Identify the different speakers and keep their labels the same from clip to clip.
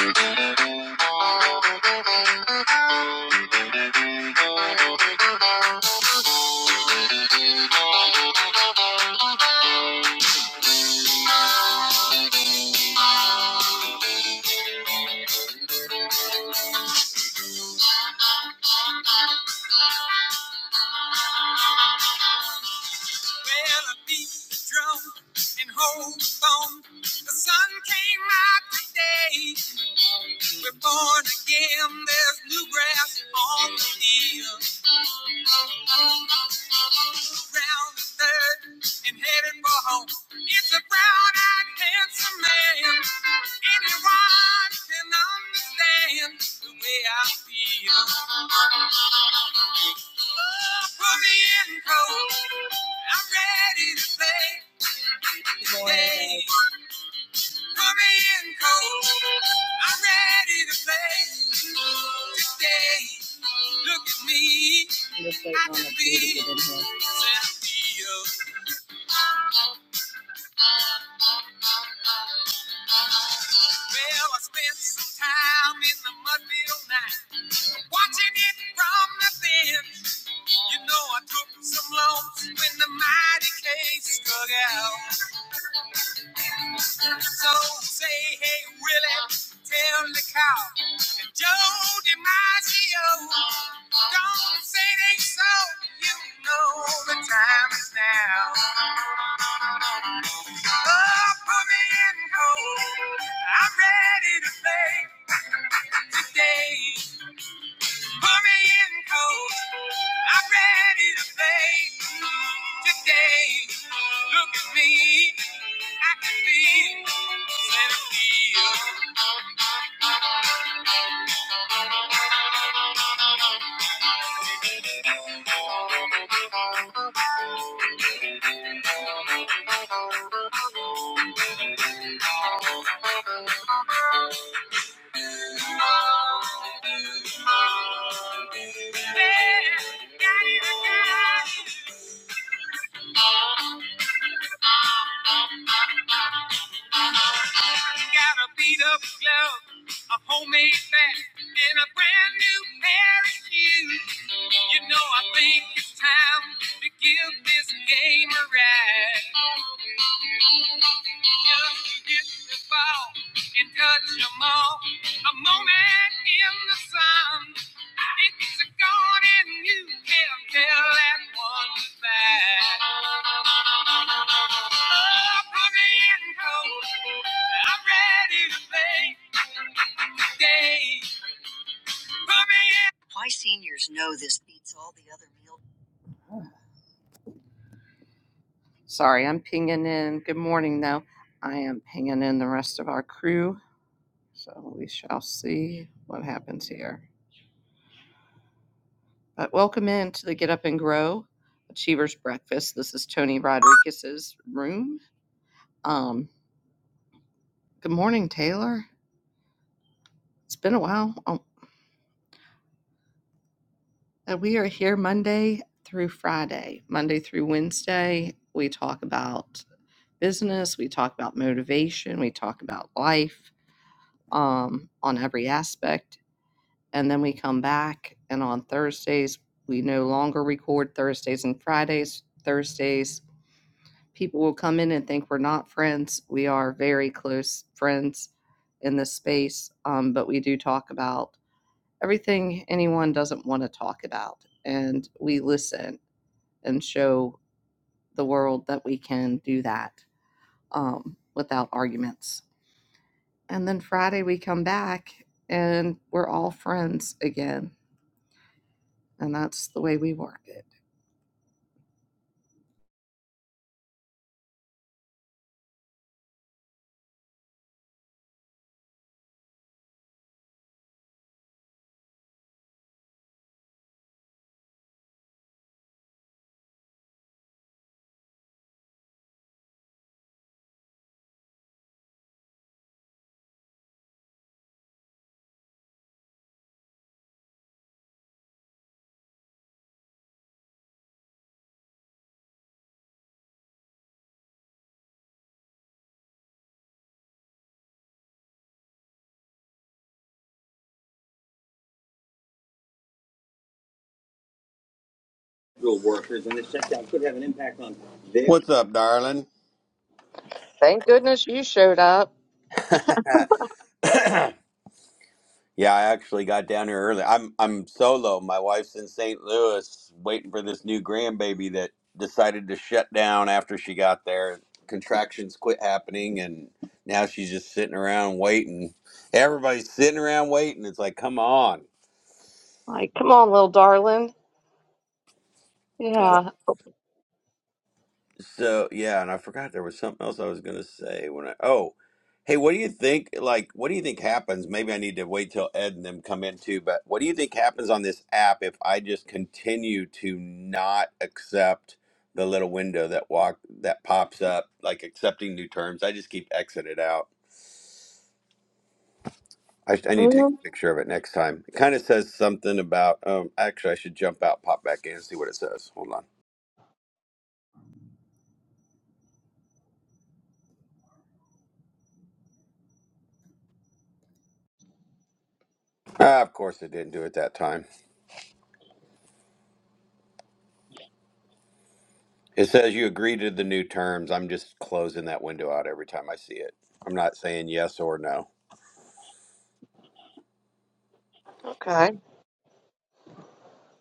Speaker 1: Well, I beat the drum and hold on. The sun came out today. We're born again. There's new grass on the hill. round the third and headed for home. It's a brown-eyed, handsome man. Anyone can understand the way I feel. Put me in cold. I'm ready to play. Hey, put me in cold. I'm ready to play today. Look at me, Well, I spent some time in the mudfield night. watching it from the thin. You know I took some loans when the mighty case struck out. So say hey Willie, tell the cow and Joe DiMaggio, don't say they so. You know the time is now. Oh, put me in cold. I'm ready to play today. Put me in cold. I'm ready to play. Today, look at me. I can be Santa Fe. got it, I got it. I Got a beat up glove, a homemade bat, and a brand new pair of shoes. You know, I think it's time to give this game a ride.
Speaker 2: Real workers, and the shutdown could have an impact on their. What's up, darling?
Speaker 1: Thank goodness you showed up.
Speaker 2: yeah, I actually got down here early. I'm I'm solo. My wife's in St. Louis waiting for this new grandbaby that decided to shut down after she got there. Contractions quit happening and now she's just sitting around waiting. Everybody's sitting around waiting. It's like, come on.
Speaker 1: Like, come on, little darling. Yeah.
Speaker 2: So yeah, and I forgot there was something else I was gonna say when I oh, hey, what do you think? Like, what do you think happens? Maybe I need to wait till Ed and them come in too. But what do you think happens on this app if I just continue to not accept the little window that walk that pops up, like accepting new terms? I just keep exited out. I, I need to take
Speaker 1: Mhm.
Speaker 2: a picture of it next time. It kind of says something about. Um, actually, I should jump out, pop back in, and see what it says. Hold on. Ah, of course, it didn't do it that time. It says you agree to the new terms. I'm just closing that window out every time I see it. I'm not saying yes or no.
Speaker 1: Okay.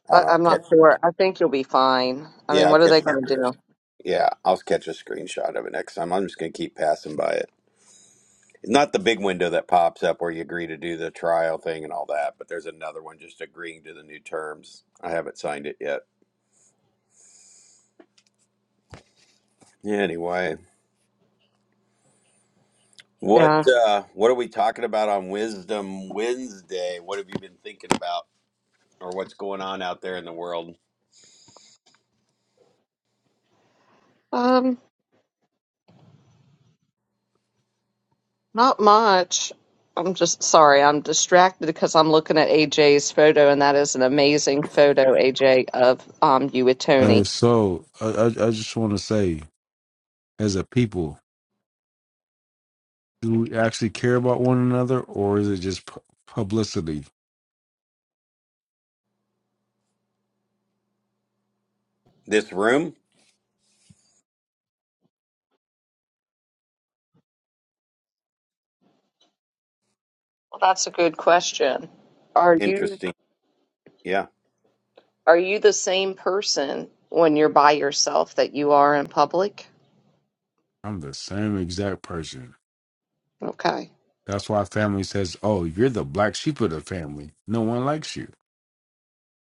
Speaker 2: I don't
Speaker 1: But
Speaker 2: know. I'll
Speaker 1: I'm not
Speaker 2: catch-
Speaker 1: sure. I think you'll be fine. I mean,
Speaker 2: Yeah, I'll
Speaker 1: what are they
Speaker 2: catch
Speaker 1: going
Speaker 2: a
Speaker 1: to
Speaker 2: screenshot.
Speaker 1: do?
Speaker 2: Yeah, I'll catch a screenshot of it next time. I'm just going to keep passing by it. Not the big window that pops up where you agree to do the trial thing and all that, but there's another one just agreeing to the new terms. I haven't signed it yet. Anyway, what
Speaker 1: Yeah.
Speaker 2: uh, what are we talking about on Wisdom Wednesday? What have you been thinking about, or what's going on out there in the world?
Speaker 1: Um, not much. I'm just sorry, I'm distracted because I'm looking at AJ's photo, and that is an amazing photo, AJ, of um you with
Speaker 3: Uh,
Speaker 1: Tony.
Speaker 3: so I, I, I just want to say, as a people, do we actually care about one another, or is it just pu- publicity?
Speaker 2: This room?
Speaker 1: Well, that's a good question. Are you?
Speaker 2: Interesting. Yeah.
Speaker 1: Are you the same person when you're by yourself that you are in public?
Speaker 3: I'm the same exact person.
Speaker 1: Okay.
Speaker 3: That's why family says, "Oh, you're the black sheep of the family. No one likes you."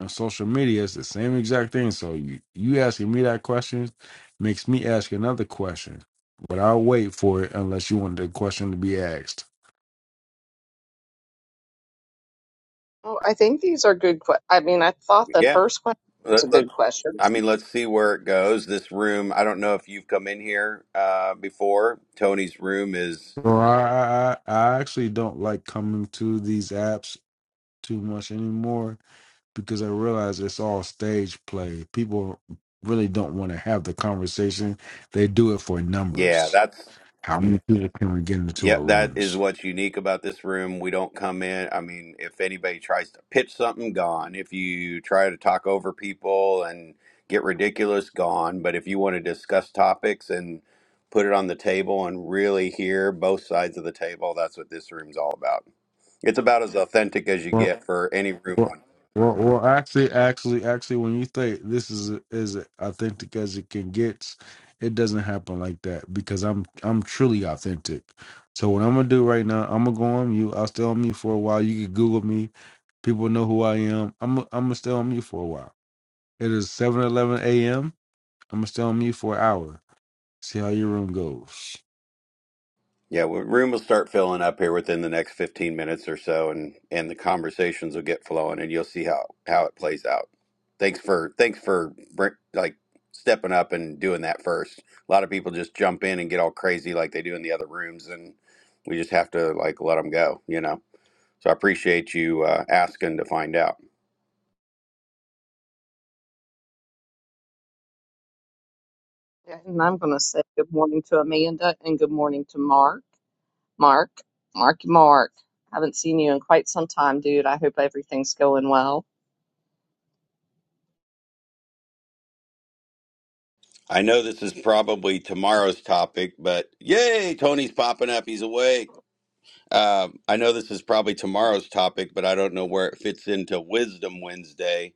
Speaker 3: On social media, it's the same exact thing. So you you asking me that question makes me ask another question, but I'll wait for it unless you want the question to be asked.
Speaker 1: Well, I think these are good. Que- I mean, I thought the
Speaker 2: Yeah.
Speaker 1: first question was a
Speaker 2: Let, let,
Speaker 1: good question,
Speaker 2: I mean, let's see where it goes. This room, I don't know if you've come in here uh, before. Tony's room is,
Speaker 3: Or I, I I I actually don't like coming to these apps too much anymore because I realize it's all stage play. People really don't want to have the conversation. They do it for
Speaker 2: yeah,
Speaker 3: numbers.
Speaker 2: that's,
Speaker 3: How many people can we get into
Speaker 2: yeah,
Speaker 3: our
Speaker 2: that is
Speaker 3: rooms?
Speaker 2: what's unique about this room. We don't come in. I mean, if anybody tries to pitch something, gone. If you try to talk over people and get ridiculous, gone. But if you want to discuss topics and put it on the table and really hear both sides of the table, that's what this room's all about. It's about as authentic as you
Speaker 3: Well,
Speaker 2: get for any room
Speaker 3: well,
Speaker 2: on.
Speaker 3: well, well actually, actually, actually, when you think this is as authentic as it can get, it doesn't happen like that because I'm I'm truly authentic. So what I'm gonna do right now, I'm gonna go on mute. I'll stay on mute for a while. You can Google me. People know who I am. I'm I'm gonna stay on mute for a while. It is 7:11 a.m. I'm gonna stay on mute for an hour. See how your room goes.
Speaker 2: Yeah, well, room will start filling up here within the next 15 minutes or so, and and the conversations will get flowing, and you'll see how how it plays out. Thanks for thanks for br- like stepping up and doing that first. A lot of people just jump in and get all crazy like they do in the other rooms, and we just have to like let them go, you know. So I appreciate you uh, asking to find out.
Speaker 1: and I'm going to say good morning to Amanda and good morning to Mark. Mark, Mark, Mark. Haven't seen you in quite some time, dude. I hope everything's going well.
Speaker 2: I know this is probably tomorrow's topic, but yay, Tony's popping up. He's awake. Uh, I know this is probably tomorrow's topic, but I don't know where it fits into Wisdom Wednesday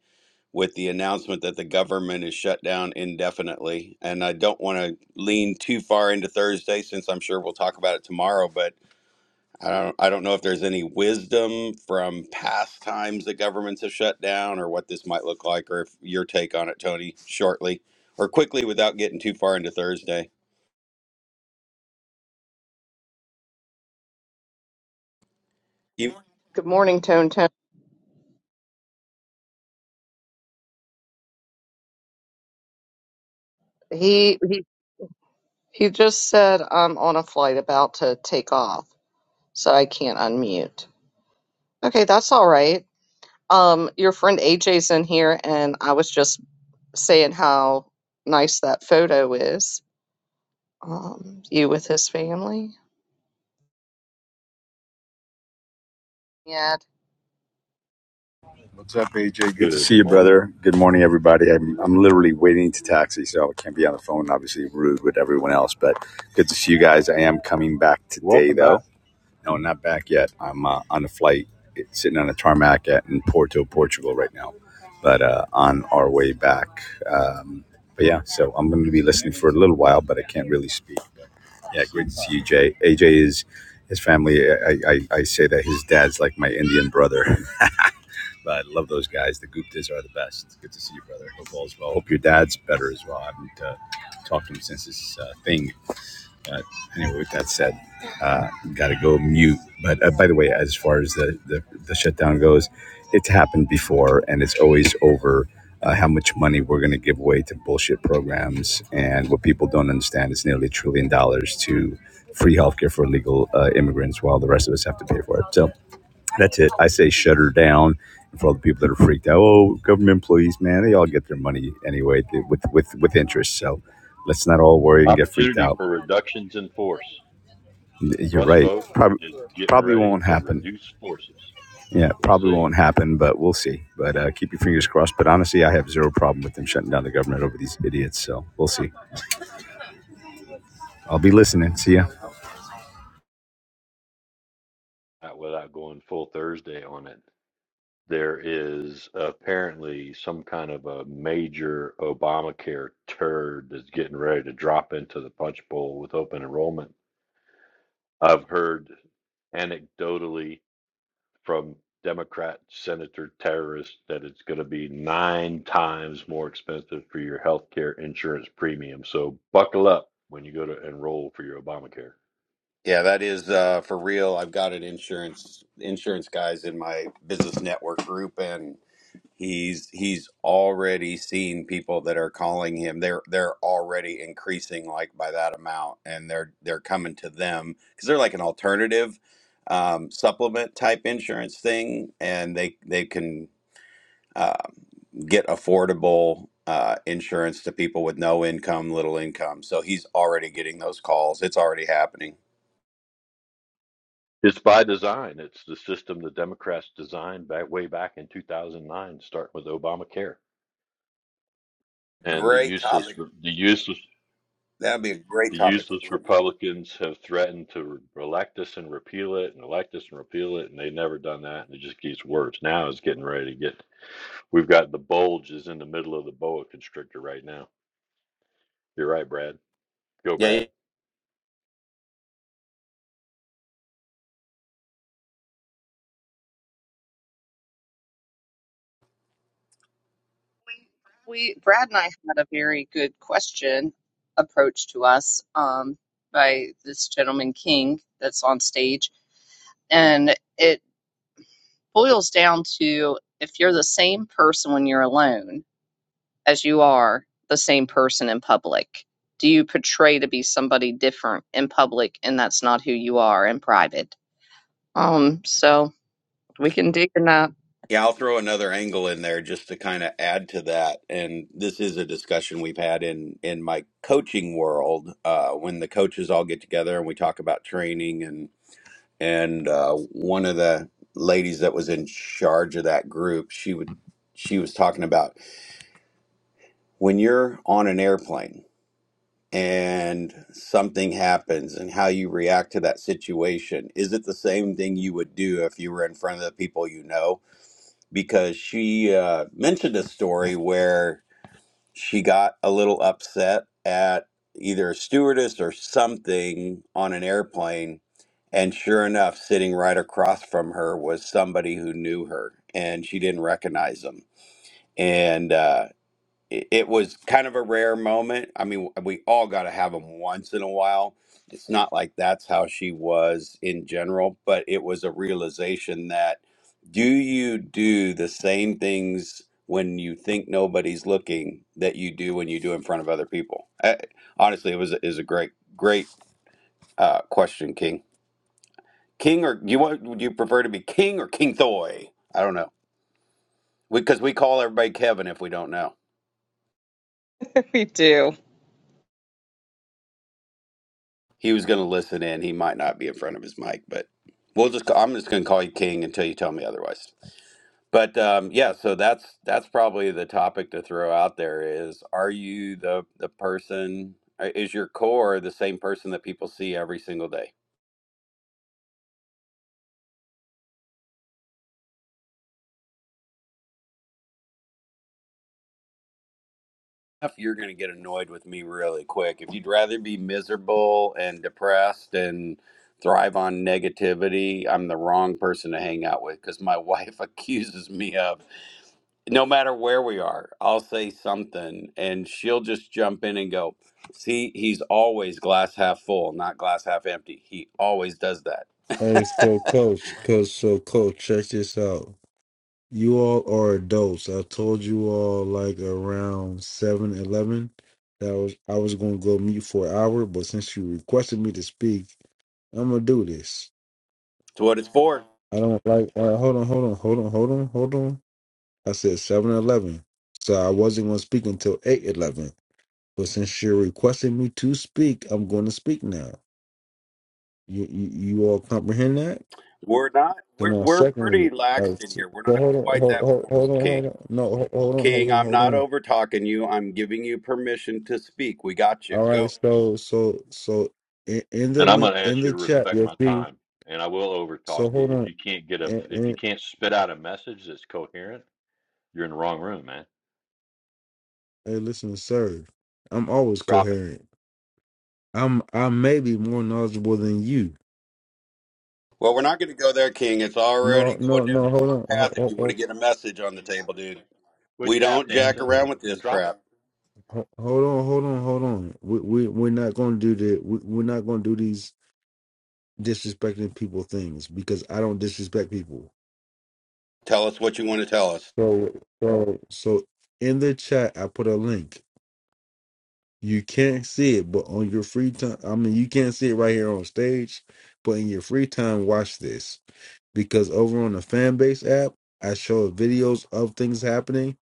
Speaker 2: with the announcement that the government is shut down indefinitely. And I don't want to lean too far into Thursday since I'm sure we'll talk about it tomorrow, but I don't I don't know if there's any wisdom from past times that governments have shut down or what this might look like or if your take on it, Tony, shortly or quickly without getting too far into Thursday.
Speaker 1: Good morning, Tone Tone. He he he just said I'm on a flight about to take off, so I can't unmute. Okay, that's all right. Um, your friend AJ's in here, and I was just saying how nice that photo is. Um, you with his family. Yeah.
Speaker 4: What's up, AJ? Good to
Speaker 5: Good
Speaker 4: see you,
Speaker 5: morning.
Speaker 4: brother. Good morning, everybody. I'm, I'm literally waiting to taxi, so I can't be on the phone. Obviously, rude with everyone else, but good to see you guys. I am coming back today,
Speaker 5: Welcome back.
Speaker 4: though. No, not back yet. I'm uh, on a flight, sitting on a tarmac at in Porto, Portugal, right now, but uh, on our way back. Um, but yeah, so I'm going to be listening for a little while, but I can't really speak. But yeah, great to see you, Jay. AJ is his family. I, I, I say that his dad's like my Indian brother. But I love those guys. The Guptas are the best. It's good to see you, brother. Hope all's well. Hope your dad's better as well. I haven't uh, talked to him since this uh, thing. Uh, anyway, with that said, uh, got to go mute. But uh, by the way, as far as the, the, the shutdown goes, it's happened before and it's always over uh, how much money we're going to give away to bullshit programs. And what people don't understand is nearly a trillion dollars to free healthcare for illegal uh, immigrants while the rest of us have to pay for it. So that's it. I say shut her down. And for all the people that are freaked out, oh, government employees, man, they all get their money anyway with with with interest. So let's not all worry and get freaked
Speaker 5: Opportunity
Speaker 4: out.
Speaker 5: for reductions in force.
Speaker 4: You're
Speaker 5: Russ
Speaker 4: right.
Speaker 5: vote
Speaker 4: Probably
Speaker 5: is getting
Speaker 4: probably
Speaker 5: ready
Speaker 4: won't
Speaker 5: to
Speaker 4: happen.
Speaker 5: reduce forces.
Speaker 4: Yeah,
Speaker 5: We'll
Speaker 4: probably
Speaker 5: see.
Speaker 4: won't happen, but we'll see. But uh, keep your fingers crossed. But honestly, I have zero problem with them shutting down the government over these idiots. So we'll see. I'll be listening. See ya.
Speaker 5: Not without going full Thursday on it. There is apparently some kind of a major Obamacare turd that's getting ready to drop into the punch bowl with open enrollment. I've heard anecdotally from Democrat Senator terrorists that it's going to be nine times more expensive for your healthcare insurance premium. So buckle up when you go to enroll for your Obamacare.
Speaker 2: Yeah, that is uh, for real. I've got an insurance insurance guys in my business network group, and he's he's already seen people that are calling him. They're they're already increasing like by that amount, and they're they're coming to them because they're like an alternative um, supplement type insurance thing, and they they can uh, get affordable uh, insurance to people with no income, little income. So he's already getting those calls. It's already happening.
Speaker 5: It's by design. It's the system the Democrats designed back way back in 2009, starting with Obamacare. And the
Speaker 2: Great topic.
Speaker 5: useless, the useless,
Speaker 2: That'd be a great
Speaker 5: the
Speaker 2: topic.
Speaker 5: useless Republicans have threatened to re- elect us and repeal it, and elect us and repeal it, and they've never done that. And it just gets worse. Now it's getting ready to get We've got the bulge is in the middle of the boa constrictor right now. You're right, Brad. Go,
Speaker 2: Yeah,
Speaker 5: Brad.
Speaker 2: yeah,
Speaker 1: We Brad and I had a very good question approached to us um, by this gentleman King that's on stage, and it boils down to if you're the same person when you're alone as you are the same person in public. Do you portray to be somebody different in public, and that's not who you are in private? Um, so we can dig in that.
Speaker 2: yeah. I'll throw another angle in there just to kind of add to that. And this is a discussion we've had in in my coaching world uh, when the coaches all get together and we talk about training and and uh, one of the ladies that was in charge of that group, she would she was talking about when you're on an airplane and something happens and how you react to that situation is it the same thing you would do if you were in front of the people you know because she uh, mentioned a story where she got a little upset at either a stewardess or something on an airplane. And sure enough, sitting right across from her was somebody who knew her and she didn't recognize him. And, uh, it it was kind of a rare moment. I mean, we all got to have them once in a while. It's not like that's how she was in general, but it was a realization that do you do the same things when you think nobody's looking that you do when you do in front of other people? Uh honestly, it was a, is a great great uh, question, King. King or do you want? Would you prefer to be King or King Thoy? I don't know because we 'cause we call everybody Kevin if we don't know.
Speaker 1: We do.
Speaker 2: He was going to listen in. He might not be in front of his mic, but we'll just. I'm just going to call you King until you tell me otherwise. But um, yeah, so that's that's probably the topic to throw out there is: Are you the the person? uh, Is your core the same person that people see every single day? If You're going to get annoyed with me really quick. If you'd rather be miserable and depressed and thrive on negativity, I'm the wrong person to hang out with because my wife accuses me of. no matter where we are, I'll say something and she'll just jump in and go, See, he's always glass half full, not glass half empty. He always does
Speaker 3: Hey, so
Speaker 2: that.
Speaker 3: coach, coach, so coach, check this out. You all are adults. I told you all like around seven eleven that I was I was gonna go mute for an hour, but since you requested me to speak, I'm gonna do this.
Speaker 2: It's what it's for.
Speaker 3: I don't like. All right, hold on, hold on, hold on, hold on, hold on. I said seven eleven, so I wasn't gonna speak until eight eleven. But since you're requesting me to speak, I'm going to speak now. You, you you all comprehend that?
Speaker 2: We're not,
Speaker 3: So
Speaker 2: we're,
Speaker 3: now,
Speaker 2: we're
Speaker 3: secondly,
Speaker 2: pretty
Speaker 3: uh,
Speaker 2: lax in
Speaker 3: s-
Speaker 2: here. We're
Speaker 3: so
Speaker 2: not
Speaker 3: hold on,
Speaker 2: quite
Speaker 3: hold,
Speaker 2: that
Speaker 3: hold, hold
Speaker 2: formal,
Speaker 3: on, hold
Speaker 2: King.
Speaker 3: on. No, ho- hold on, hold
Speaker 2: King,
Speaker 3: on,
Speaker 2: I'm
Speaker 3: hold
Speaker 2: not
Speaker 3: on.
Speaker 2: over talking you. I'm giving you permission to speak. We got you.
Speaker 3: All right,
Speaker 2: Go.
Speaker 3: so so so in, in the
Speaker 5: And I'm going
Speaker 3: link
Speaker 5: to
Speaker 3: in
Speaker 5: ask you
Speaker 3: the
Speaker 5: to
Speaker 3: chat,
Speaker 5: respect
Speaker 3: you'll
Speaker 5: my
Speaker 3: see.
Speaker 5: time. And I will overtalk
Speaker 3: So
Speaker 5: you
Speaker 3: hold
Speaker 5: if
Speaker 3: on,
Speaker 5: you can't get a
Speaker 3: and,
Speaker 5: if you
Speaker 3: and
Speaker 5: can't spit out a message that's coherent. You're in the wrong room, man.
Speaker 3: hey, listen, sir, I'm always
Speaker 5: Drop it.
Speaker 3: coherent. I'm I may be more knowledgeable than you.
Speaker 2: Well, we're not going to go there, King. It's
Speaker 3: No,
Speaker 2: already going
Speaker 3: no,
Speaker 2: down
Speaker 3: no.
Speaker 2: the
Speaker 3: Hold
Speaker 2: wrong
Speaker 3: on, hold,
Speaker 2: path if
Speaker 3: hold,
Speaker 2: you want to
Speaker 3: hold,
Speaker 2: get a message on the table, dude.
Speaker 5: Quit
Speaker 2: We
Speaker 5: tap
Speaker 2: don't jack
Speaker 5: dancing
Speaker 2: around with
Speaker 5: and
Speaker 2: this
Speaker 5: drop it.
Speaker 2: crap.
Speaker 3: hold on, hold on, hold on. We we we're not gonna do the we, we're not gonna do these disrespecting people things because I don't disrespect people.
Speaker 2: Tell us what you want to tell us.
Speaker 3: So, so, so in the chat, I put a link. You can't see it, but on your free time, I mean, you can't see it right here on stage, but in your free time, watch this because over on the fan base app, I show videos of things happening.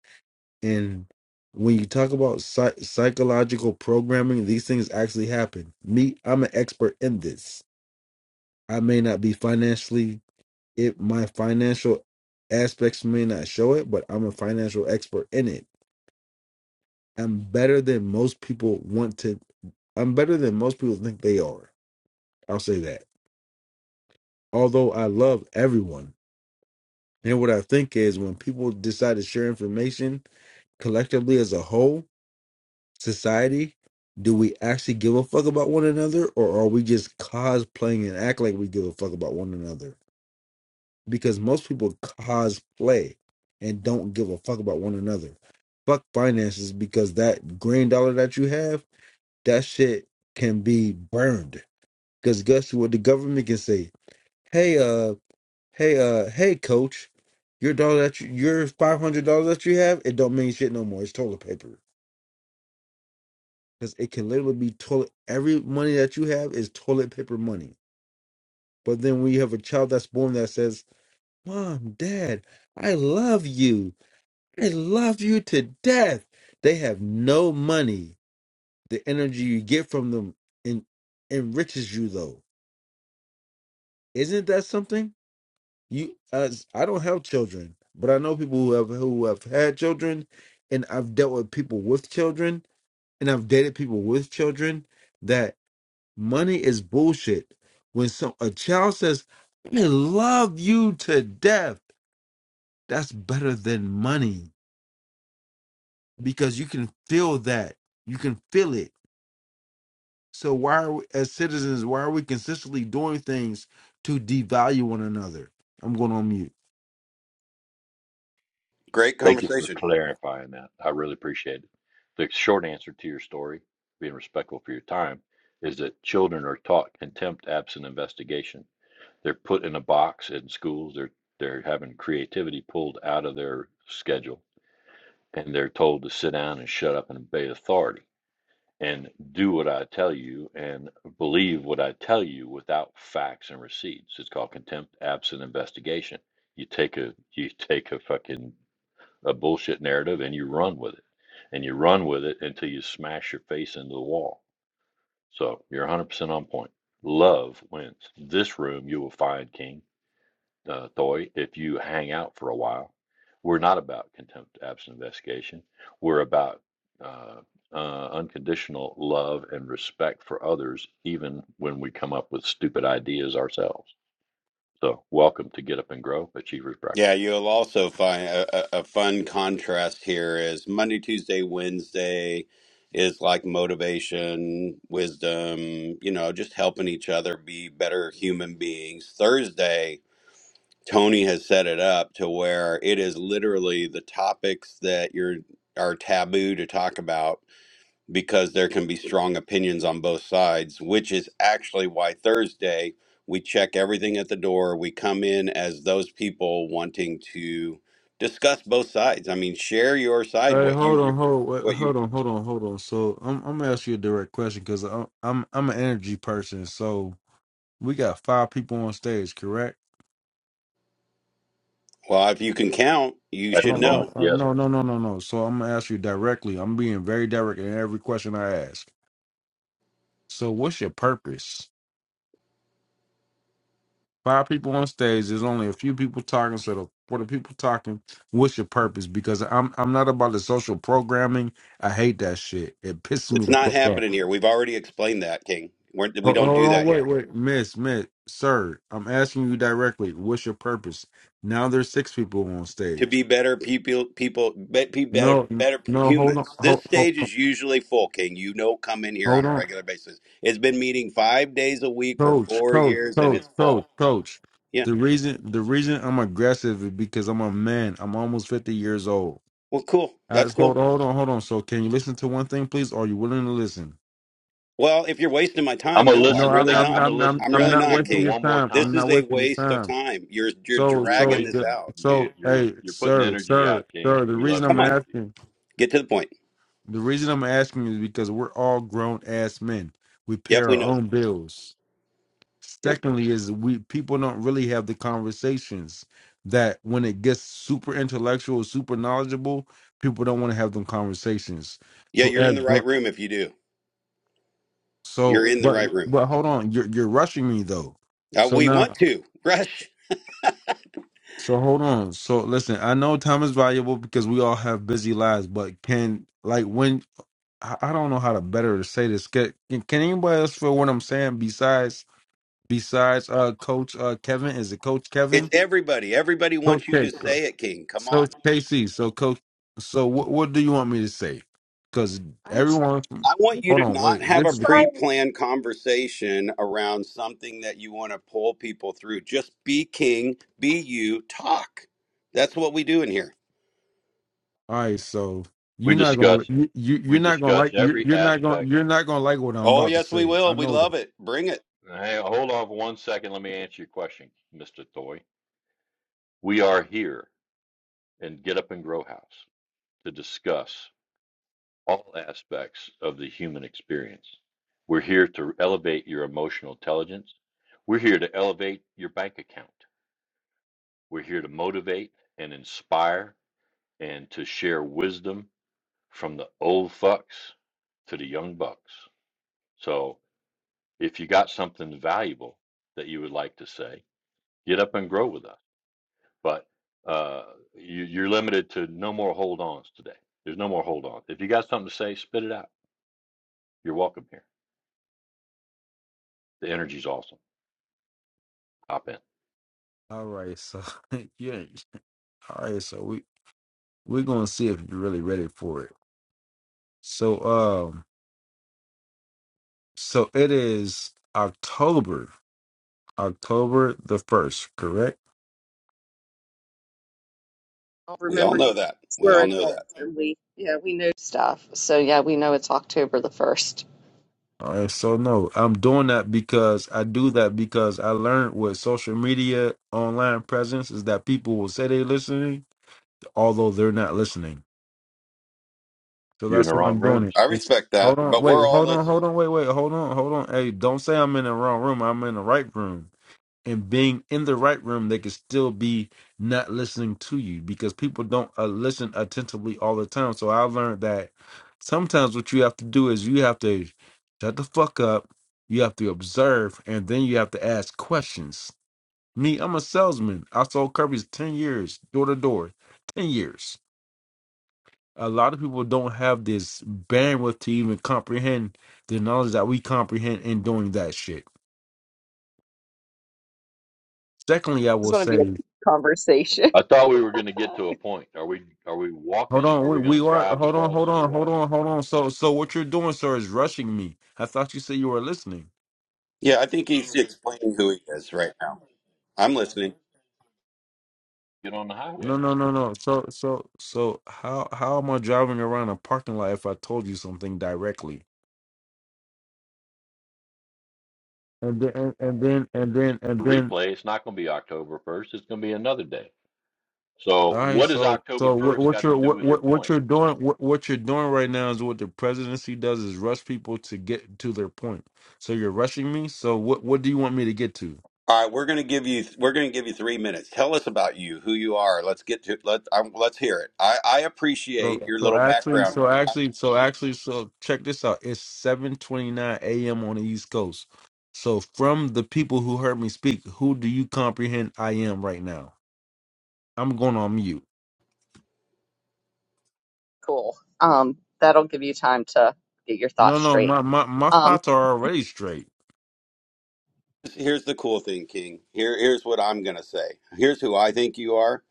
Speaker 3: And when you talk about psych- psychological programming, these things actually happen. Me, I'm an expert in this. I may not be financially, it my financial aspects may not show it, but I'm a financial expert in it I'm better than most people want to. I'm better than most people think they are. I'll say that. Although I love everyone. And what I think is when people decide to share information collectively as a whole, society, do we actually give a fuck about one another or are we just cosplaying and act like we give a fuck about one another? Because most people cosplay and don't give a fuck about one another. Fuck finances because that green dollar that you have, that shit can be burned Because guess what? The government can say, "Hey, uh, hey, uh, hey, coach, your dollar that you, your five hundred dollars that you have, it don't mean shit no more. It's toilet paper because it can literally be toilet. Every money that you have is toilet paper money. But then when you have a child that's born that says, "Mom, Dad, I love you. I love you to death," they have no money. The energy you get from them en- enriches you, though. Isn't that something? You, as I don't have children, but I know people who have who have had children, and I've dealt with people with children, and I've dated people with children. That money is bullshit. When some a child says, "I love you to death," that's better than money because you can feel that. You can feel it. So why are we, as citizens? Why are we consistently doing things to devalue one another? I'm going on mute.
Speaker 2: Great
Speaker 5: Thank you for
Speaker 2: conversation.
Speaker 5: clarifying that. I really appreciate it. The short answer to your story, being respectful for your time, is that children are taught contempt absent investigation They're put in a box in schools. They're they're having creativity pulled out of their schedule, and they're told to sit down and shut up and obey authority and do what I tell you and believe what I tell you without facts and receipts. It's called contempt absent investigation. You take a you take a fucking a bullshit narrative and you run with it. And you run with it until you smash your face into the wall. So you're 100% on point. Love wins. This room you will find, King uh, Thoy, if you hang out for a while, we're not about contempt, absent investigation. We're about uh, uh, unconditional love and respect for others, even when we come up with stupid ideas ourselves. So, welcome to Get Up and Grow Achievers Breakfast.
Speaker 2: Yeah, you'll also find a, a, a fun contrast here is Monday, Tuesday, Wednesday is like motivation, wisdom, you know, just helping each other be better human beings. Thursday, Tony has set it up to where it is literally the topics that you're are taboo to talk about because there can be strong opinions on both sides, which is actually why Thursday we check everything at the door. We come in as those people wanting to discuss both sides. I mean, share your side,
Speaker 3: Hey,
Speaker 2: what
Speaker 3: hold
Speaker 2: you, re-
Speaker 3: on, hold, wait,
Speaker 2: what you,
Speaker 3: hold on, hold on, hold on. So I'm I'm gonna ask you a direct question because I'm I'm I'm an energy person. So we got five people on stage, correct?
Speaker 2: well, if you can count, you
Speaker 5: At
Speaker 2: should
Speaker 5: the
Speaker 3: Hold on, no,
Speaker 5: moment,
Speaker 2: know.
Speaker 3: uh,
Speaker 5: yes,
Speaker 3: no, no, no, no, no. So I'm gonna ask you directly. I'm being very direct in every question I ask. So what's your purpose? Five people on stage. There's only a few people talking. So the, for the people talking, what's your purpose? Because I'm I'm not about the social programming. I hate that shit. It pisses me
Speaker 2: It's
Speaker 3: the
Speaker 2: not
Speaker 3: fuck off.
Speaker 2: happening here. We've already explained that, King. We're, we
Speaker 3: Hold
Speaker 2: don't
Speaker 3: hold
Speaker 2: do
Speaker 3: on,
Speaker 2: that
Speaker 3: wait,
Speaker 2: here.
Speaker 3: wait, Miss, Miss, Sir, I'm asking you directly. What's your purpose? Now there's six people on
Speaker 2: to
Speaker 3: stage.
Speaker 2: be better people people be, be better
Speaker 3: No, n-
Speaker 2: better
Speaker 3: no, hold on,
Speaker 2: humans this
Speaker 3: hold, hold,
Speaker 2: stage is usually full king you know come in here
Speaker 3: hold
Speaker 2: on a
Speaker 3: on,
Speaker 2: regular basis it's been meeting five days a week for
Speaker 3: Coach,
Speaker 2: four
Speaker 3: Coach,
Speaker 2: years and
Speaker 3: Coach,
Speaker 2: it's
Speaker 3: Coach,
Speaker 2: full
Speaker 3: Coach.
Speaker 2: yeah
Speaker 3: The reason, the reason I'm aggressive is because I'm a man. I'm almost 50 years old.
Speaker 2: well cool
Speaker 3: I
Speaker 2: that's
Speaker 3: just,
Speaker 2: cool
Speaker 3: hold, hold on, hold on. So, can you listen to one thing, please? Are you willing to listen?
Speaker 2: well if you're wasting my
Speaker 5: I'm
Speaker 2: time
Speaker 5: gonna
Speaker 2: no
Speaker 3: No,
Speaker 2: i'm
Speaker 5: listen to
Speaker 3: I'm,
Speaker 2: really
Speaker 5: that.
Speaker 3: I'm,
Speaker 2: not
Speaker 5: I'm gonna
Speaker 3: I'm, I'm,
Speaker 5: listen
Speaker 2: i'm
Speaker 5: to
Speaker 3: I'm
Speaker 5: that
Speaker 2: really
Speaker 3: not
Speaker 2: not
Speaker 3: wasting
Speaker 5: statement
Speaker 2: king
Speaker 3: your
Speaker 5: one more
Speaker 3: time. I'm
Speaker 2: this
Speaker 5: time.
Speaker 3: not
Speaker 2: is a
Speaker 3: wasting your
Speaker 2: waste of
Speaker 3: time.
Speaker 2: time you're you're
Speaker 3: So,
Speaker 5: You're
Speaker 3: so,
Speaker 2: dragging this
Speaker 3: the-
Speaker 5: wasting.
Speaker 2: out
Speaker 3: so,
Speaker 2: dude
Speaker 5: You're
Speaker 3: hey,
Speaker 5: you're putting
Speaker 3: sir,
Speaker 5: energy
Speaker 3: sir,
Speaker 5: out, King.
Speaker 3: sir. The
Speaker 5: We
Speaker 3: reason
Speaker 5: love your
Speaker 3: I'm
Speaker 2: come on
Speaker 5: energy.
Speaker 3: asking,
Speaker 2: get to the point
Speaker 3: the reason I'm asking is because we're all grown ass men. We pay
Speaker 2: yep
Speaker 3: our
Speaker 2: we know that.
Speaker 3: own bills.
Speaker 2: yep
Speaker 3: Secondly, is we people don't really have the conversations that when it gets super intellectual, super knowledgeable, people don't want to have them conversations.
Speaker 2: yeah
Speaker 3: So,
Speaker 2: you're in the
Speaker 3: as gr-
Speaker 2: right room if you do you're
Speaker 3: so,
Speaker 2: in the
Speaker 3: but,
Speaker 2: right room
Speaker 3: but hold on, you're you're rushing me though.
Speaker 2: uh,
Speaker 3: So
Speaker 2: we
Speaker 3: now
Speaker 2: want to rush
Speaker 3: So hold on. So listen, I know time is valuable because we all have busy lives, but can like when I I don't know how to better to say this. Can, can anybody else feel what I'm saying besides besides uh coach uh Kevin? Is it coach
Speaker 2: It's
Speaker 3: Kevin?
Speaker 2: everybody. Everybody
Speaker 3: Coach
Speaker 2: wants you to
Speaker 3: K.
Speaker 2: say it, King. Come on.
Speaker 3: Coach Casey. So coach so what what do you want me to say? Cuz
Speaker 1: I'm trying.
Speaker 3: everyone
Speaker 2: I
Speaker 1: I'm
Speaker 2: want you
Speaker 3: Hold
Speaker 2: to
Speaker 3: on,
Speaker 2: not
Speaker 3: wait.
Speaker 2: have
Speaker 3: This
Speaker 2: a
Speaker 3: is the
Speaker 2: pre
Speaker 3: key.
Speaker 1: trying
Speaker 2: planned conversation around something that you want to pull people through. Just be King, be you, talk. That's what we do in here.
Speaker 3: All right, so
Speaker 5: We
Speaker 3: you're not going
Speaker 5: discuss
Speaker 3: to you, you
Speaker 5: we
Speaker 3: you're not going to
Speaker 5: discuss
Speaker 3: like you,
Speaker 5: every
Speaker 3: you're not going to
Speaker 5: aspect
Speaker 3: you're not going to like what I'm
Speaker 2: Oh,
Speaker 3: about to
Speaker 2: yes, we
Speaker 3: say. I
Speaker 2: will. We
Speaker 3: know that.
Speaker 2: love it. Bring it.
Speaker 5: Hey, hold on for one second. Let me answer your question, Mr. Toy. We are here in Get Up and Grow House to discuss all aspects of the human experience. We're here to elevate your emotional intelligence. We're here to elevate your bank account. We're here to motivate and inspire and to share wisdom from the old fucks to the young bucks. So if you got something valuable that you would like to say, get up and grow with us. but uh, you, you're limited to no more hold ons today. There's no more hold on. If you got something to say, spit it out. You're welcome here. The energy's awesome. Hop in.
Speaker 3: All right, so yeah. All right, so we we're gonna see if you're really ready for it. So um, so it is October, October the first, correct?
Speaker 2: We all know that. We all know that.
Speaker 1: new stuff. So yeah, we know it's October the first.
Speaker 3: All right, so no, I'm doing that because I do that because I learned with social media online presence is that people will say they're listening, although they're not listening. So
Speaker 5: You're in
Speaker 3: that's
Speaker 5: the
Speaker 3: why
Speaker 5: wrong
Speaker 3: I'm doing it.
Speaker 5: rooms.
Speaker 2: I
Speaker 3: It's,
Speaker 2: respect
Speaker 3: hold
Speaker 2: that,
Speaker 3: on,
Speaker 2: but
Speaker 3: wait,
Speaker 2: we're all
Speaker 3: hold on,
Speaker 2: listening.
Speaker 3: hold on, wait, wait, hold on, hold on. Hey, don't say I'm in the wrong room. I'm in the right room. and being in the right room, they could still be not listening to you because people don't uh, listen attentively all the time. So I learned that sometimes what you have to do is you have to shut the fuck up, you have to observe, and then you have to ask questions. Me, I'm a salesman. I sold Kirby's 10 years, door to door, 10 years. A lot of people don't have this bandwidth to even comprehend the knowledge that we comprehend in doing that shit. Secondly, I
Speaker 1: This is
Speaker 3: will
Speaker 1: going to be
Speaker 3: say
Speaker 1: a conversation.
Speaker 5: I thought we were going to get to a point. Are we? Are we
Speaker 3: Hold
Speaker 5: walking?
Speaker 3: on,
Speaker 5: Are
Speaker 3: we,
Speaker 5: we
Speaker 3: we
Speaker 5: going to
Speaker 3: are.
Speaker 5: drive the
Speaker 3: Hold on,
Speaker 5: bus
Speaker 3: hold
Speaker 5: or
Speaker 3: on, hold
Speaker 5: what?
Speaker 3: on, hold on. So, so what you're doing, sir, is rushing me. I thought you said you were listening.
Speaker 2: Yeah, I think he's explaining who he is right now. I'm listening.
Speaker 5: Get on the
Speaker 3: No,
Speaker 5: highway.
Speaker 3: no, no, no. So, so, so, how how am I driving around a parking lot if I told you something directly? And then, and, and then, and then, and
Speaker 5: The
Speaker 3: then.
Speaker 5: replay. It's not going to be October first. It's going to be another day.
Speaker 3: All
Speaker 5: So
Speaker 3: right.
Speaker 5: what has
Speaker 3: So,
Speaker 5: October
Speaker 3: so what
Speaker 5: first
Speaker 3: what
Speaker 5: got to
Speaker 3: you're
Speaker 5: do
Speaker 3: what
Speaker 5: with your
Speaker 3: what, what
Speaker 5: point?
Speaker 3: you're doing what, what you're doing right now is what the presidency does is rush people to get to their point. So you're rushing me. So what what do you want me to get to?
Speaker 2: All right, we're going to give you we're going to give you three minutes. Tell us about you, who you are. Let's get to let um, let's hear it. I, I
Speaker 3: So
Speaker 2: appreciate your
Speaker 3: so
Speaker 2: little
Speaker 3: actually
Speaker 2: background.
Speaker 3: so
Speaker 2: I,
Speaker 3: actually so actually so check this out. It's seven twenty nine AM on the East Coast. So from the people who heard me speak, who do you comprehend I am right now? I'm going on mute.
Speaker 1: Cool. Um, that'll give you time to get your
Speaker 3: No,
Speaker 1: thoughts
Speaker 3: no,
Speaker 1: straight.
Speaker 3: my my, my
Speaker 1: Um,
Speaker 3: thoughts are already straight.
Speaker 2: here's the cool thing, King. Here here's what I'm going to say. Here's who I think you are.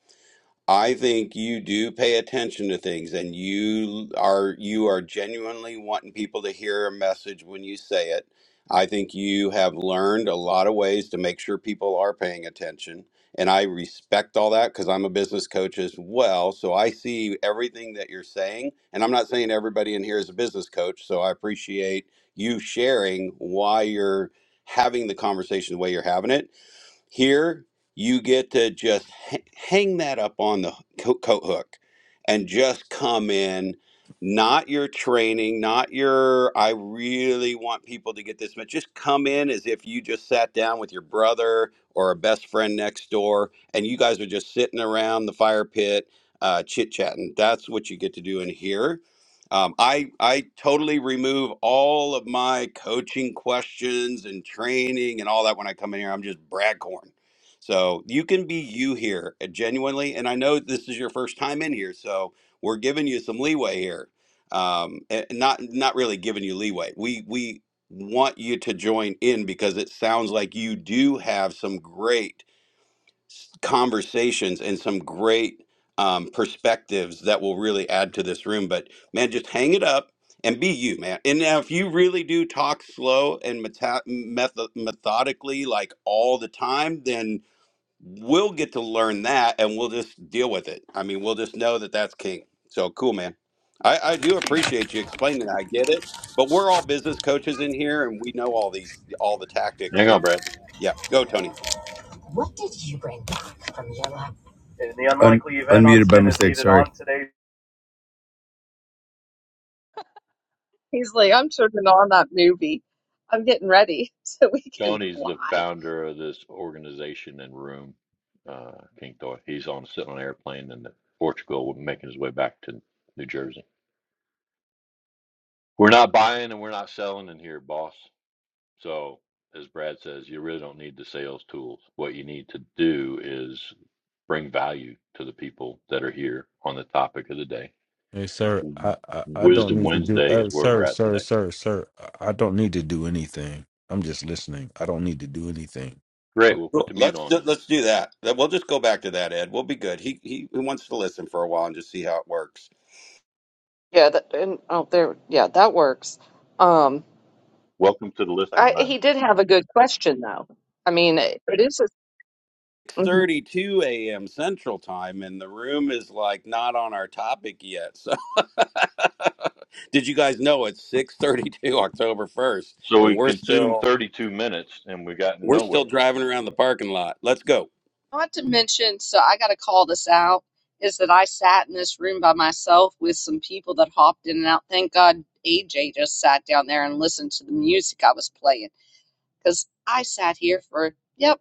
Speaker 2: I think you do pay attention to things and you are you are genuinely wanting people to hear a message when you say it. I think you have learned a lot of ways to make sure people are paying attention and I respect all that cuz I'm a business coach as well, so I see everything that you're saying and I'm not saying everybody in here is a business coach, so I appreciate you sharing why you're having the conversation the way you're having it here, you get to just h- hang that up on the co- coat hook and just come in. Not your training, not your, I really want people to get this much. Just come in as if you just sat down with your brother or a best friend next door and you guys are just sitting around the fire pit uh, chit chatting. That's what you get to do in here um, I I totally remove all of my coaching questions and training and all that when I come in here. I'm just Bradcorn. So you can be you here uh, genuinely, and I know this is your first time in here, so we're giving you some leeway here. Um, and not not really giving you leeway. We we want you to join in because it sounds like you do have some great s- conversations and some great um, perspectives that will really add to this room. But man, just hang it up and be you, man. And now, if you really do talk slow and meta- metho- methodically, like all the time, then we'll get to learn that and we'll just deal with it. I mean, we'll just know that that's king. So cool, man. I, I do appreciate you explaining that. I get it. But we're all business coaches in here and we know all these, all the tactics.
Speaker 5: Hang on,
Speaker 2: And
Speaker 5: Brad.
Speaker 2: yeah, go, Tony.
Speaker 4: In the unlikely event unmuted by mistake. Sorry.
Speaker 1: he's like, I'm turning on that movie. I'm getting ready so we can
Speaker 5: Johnny's the
Speaker 1: fly.
Speaker 5: founder of this organization and room, uh, King Thor. He's on sitting on an airplane in Portugal, making his way back to New Jersey. We're not buying and we're not selling in here, boss. So, as Brad says, you really don't need the sales tools. What you need to do is bring value to the people that are here on the topic of the day.
Speaker 3: Hey sir, I, I, I don't
Speaker 5: Wisdom
Speaker 3: need to do
Speaker 5: Wednesday is
Speaker 3: uh,
Speaker 5: where we're
Speaker 3: sir,
Speaker 5: at
Speaker 3: sir,
Speaker 5: today.
Speaker 3: sir, sir. I I don't need to do anything. I'm just listening. I don't need to do anything.
Speaker 5: Great. We'll put
Speaker 2: Well,
Speaker 5: the mute
Speaker 2: Let's do,
Speaker 5: on then.
Speaker 2: let's do that. That- We'll just go back to that, Ed. We'll be good. He he he wants to listen for a while and just see how it works.
Speaker 1: Yeah, that and oh there yeah, that works. Um
Speaker 5: Welcome to the listening
Speaker 1: I he
Speaker 5: lounge.
Speaker 1: did have a good question though. I mean it it is a,
Speaker 2: Six
Speaker 1: Mhm.
Speaker 2: thirty-two a.m. Central Time, and the room is like not on our topic yet. So, did you guys know it's 6:32 October 1st,
Speaker 5: So
Speaker 2: and
Speaker 5: we've
Speaker 2: we're
Speaker 5: consumed
Speaker 2: still
Speaker 5: 32 minutes and we've gotten
Speaker 2: we're still
Speaker 5: nowhere.
Speaker 2: driving around the parking lot. Let's go.
Speaker 1: not to mention so I gotta call this out, is that I sat in this room by myself with some people that hopped in and out. Thank God AJ just sat down there and listened to the music I was playing because I sat here for, yep,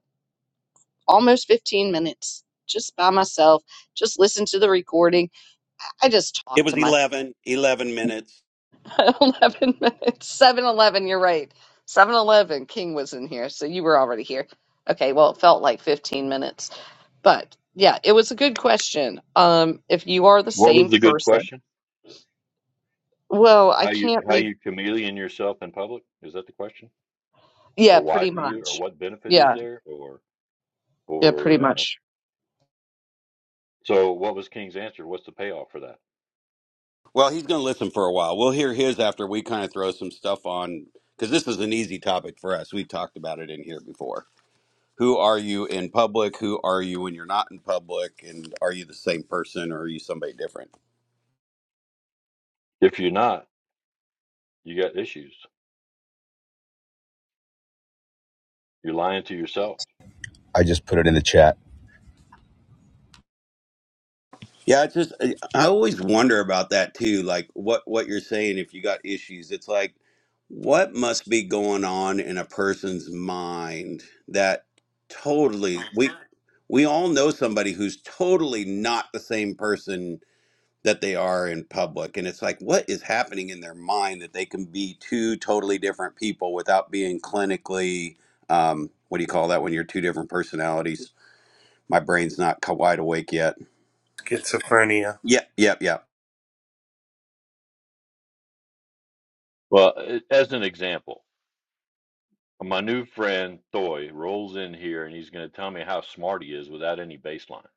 Speaker 1: almost 15 minutes just by myself, just listened to the recording. I just
Speaker 2: It
Speaker 1: talked
Speaker 2: was
Speaker 1: to my
Speaker 2: eleven eleven minutes.
Speaker 1: 11 minutes, 7 you you're right. seven eleven King was in here, so you were already here. Okay, well, it felt like 15 minutes, but yeah, it was a good question. Um, if you are the
Speaker 5: What was
Speaker 1: same
Speaker 5: the good
Speaker 1: person,
Speaker 5: question?
Speaker 1: well, I
Speaker 5: How you
Speaker 1: can't
Speaker 5: how
Speaker 1: read.
Speaker 5: you chameleon yourself in public? Is that the question?
Speaker 1: Yeah,
Speaker 5: Or why
Speaker 1: pretty
Speaker 5: do you? Or
Speaker 1: much.
Speaker 5: what benefit is
Speaker 1: Yeah,
Speaker 5: there? Or
Speaker 1: yeah, pretty
Speaker 5: or uh,
Speaker 1: much.
Speaker 5: so what was King's answer? What's the payoff for that?
Speaker 2: Well, he's going to listen for a while. We'll hear his after we kind of throw some stuff on because this is an easy topic for us. We've talked about it in here before. who are you in public who are you when you're not in public and are you the same person or are you somebody different
Speaker 5: If you're not, you got issues. You're lying to
Speaker 1: Right.
Speaker 5: yourself.
Speaker 4: I just put it in the chat.
Speaker 2: yeah it's just i I always wonder about that too like what what you're saying if you got issues it's like what must be going on in a person's mind that totally we we all know somebody who's totally not the same person that they are in public. And it's like, what is happening in their mind that they can be two totally different people without being clinically, um, what do you call that when you're two different personalities? My brain's not ca- wide awake yet.
Speaker 6: Schizophrenia.
Speaker 2: Yep, yep, yep.
Speaker 5: Well, a- as an example, my new friend Thoy rolls in here and he's going to tell me how smart he is without any baseline.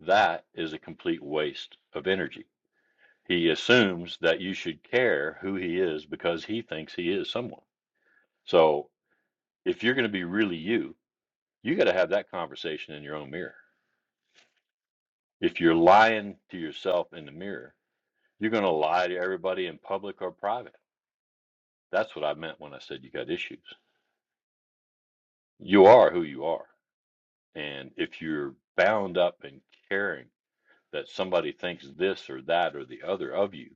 Speaker 5: That is a complete waste of energy He assumes that you should care who he is because he thinks he is someone. So if you're going to be really you, you got to have that conversation in your own mirror. If you're lying to yourself in the mirror, you're going to lie to everybody in public or private. That's what I meant when I said you got issues. You are who you are. And if you're bound up in caring that somebody thinks this or that or the other of you,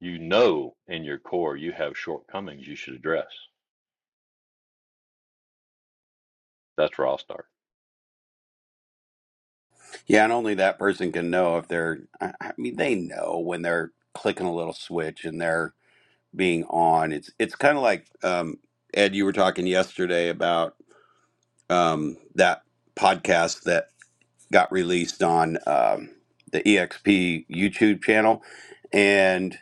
Speaker 5: you know in your core you have shortcomings you should address. That's where I'll start.
Speaker 2: Yeah, and only that person can know if they're, I, I mean, they know when they're clicking a little switch and they're being on. It's, it's kind of like, um, Ed, you were talking yesterday about um, that podcast that. got released on um, the EXP YouTube channel. And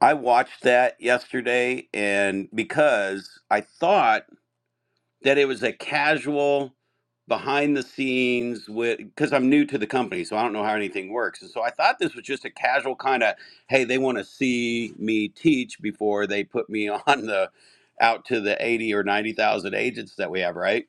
Speaker 2: I watched that yesterday, and because I thought that it was a casual behind the scenes with because I'm new to the company, so I don't know how anything works. And so I thought this was just a casual kind of, hey, they want to see me teach before they put me on the out to the 80 or 90,000 agents that we have, right?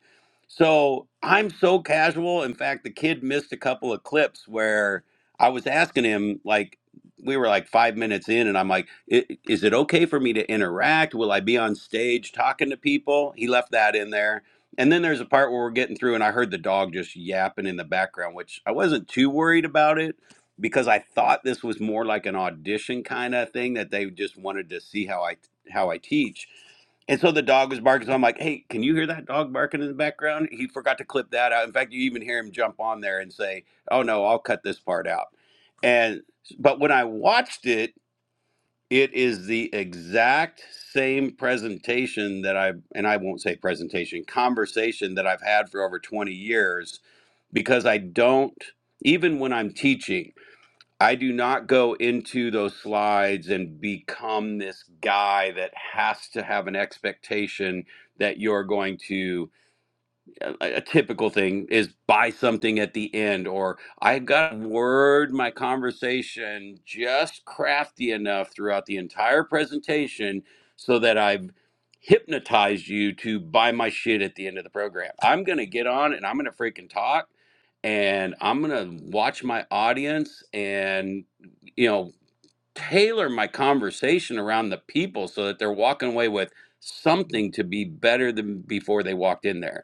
Speaker 2: So I'm so casual. In fact, the kid missed a couple of clips where I was asking him like we were like five minutes in, and I'm like, "I- is it okay for me to interact? Will I be on stage talking to people? He left that in there. And then there's a part where we're getting through, and I heard the dog just yapping in the background, which I wasn't too worried about it because I thought this was more like an audition kind of thing that they just wanted to see how I how I teach. And so the dog was barking. So I'm like, hey, can you hear that dog barking in the background? He forgot to clip that out. In fact, you even hear him jump on there and say, oh no, I'll cut this part out. And but when I watched it, it is the exact same presentation that I and I won't say presentation, conversation that I've had for over 20 years because I don't even when I'm teaching, I do not go into those slides and become this guy that has to have an expectation that you're going to a, a typical thing is buy something at the end or i've got to word my conversation just crafty enough throughout the entire presentation so that i've hypnotized you to buy my shit at the end of the program i'm gonna get on and i'm gonna freaking talk and i'm gonna watch my audience and you know tailor my conversation around the people so that they're walking away with something to be better than before they walked in there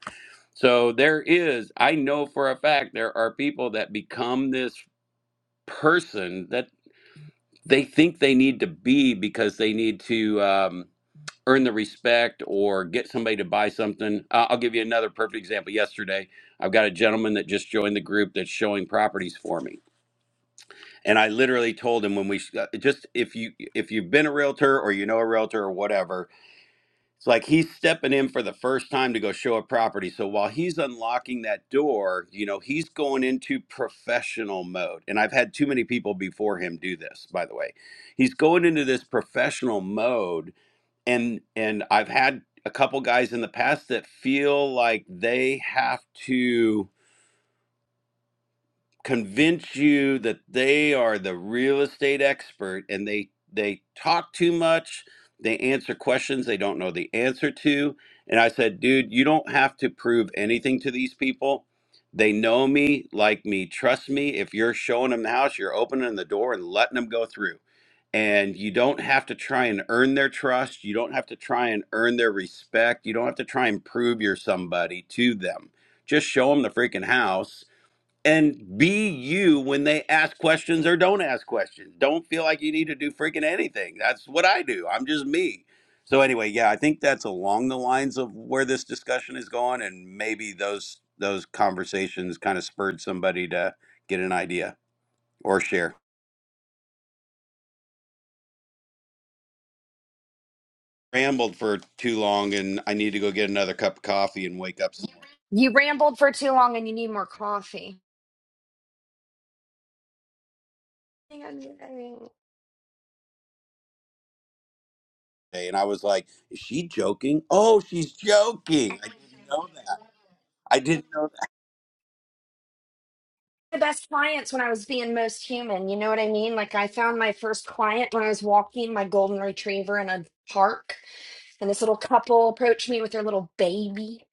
Speaker 2: so there is, I know for a fact, there are people that become this person that they think they need to be because they need to um, earn the respect or get somebody to buy something. Uh, I'll give you another perfect example. Yesterday, I've got a gentleman that just joined the group that's showing properties for me, and I literally told him when we uh, just if you if you've been a realtor or you know a realtor or whatever, it's like he's stepping in for the first time to go show a property. So while he's unlocking that door, you know, he's going into professional mode. And I've had too many people before him do this, by the way. He's going into this professional mode and and I've had a couple guys in the past that feel like they have to convince you that they are the real estate expert and they they talk too much they answer questions they don't know the answer to and i said dude you don't have to prove anything to these people they know me like me trust me if you're showing them the house you're opening the door and letting them go through and you don't have to try and earn their trust you don't have to try and earn their respect you don't have to try and prove you're somebody to them just show them the freaking house and be you when they ask questions or don't ask questions. Don't feel like you need to do freaking anything. That's what I do. I'm just me. So anyway, yeah, I think that's along the lines of where this discussion is going, and maybe those those conversations kind of spurred somebody to get an idea or share. Rambled for too long, and I need to go get another cup of coffee and wake up some more
Speaker 7: You rambled for too long and you need more coffee. I think I'm getting-
Speaker 2: day. And I was like, "Is she joking? Oh, she's joking! I didn't know that. I didn't know
Speaker 7: The best clients when I was being most human, you know what I mean? Like I found my first client when I was walking my golden retriever in a park, and this little couple approached me with their little baby,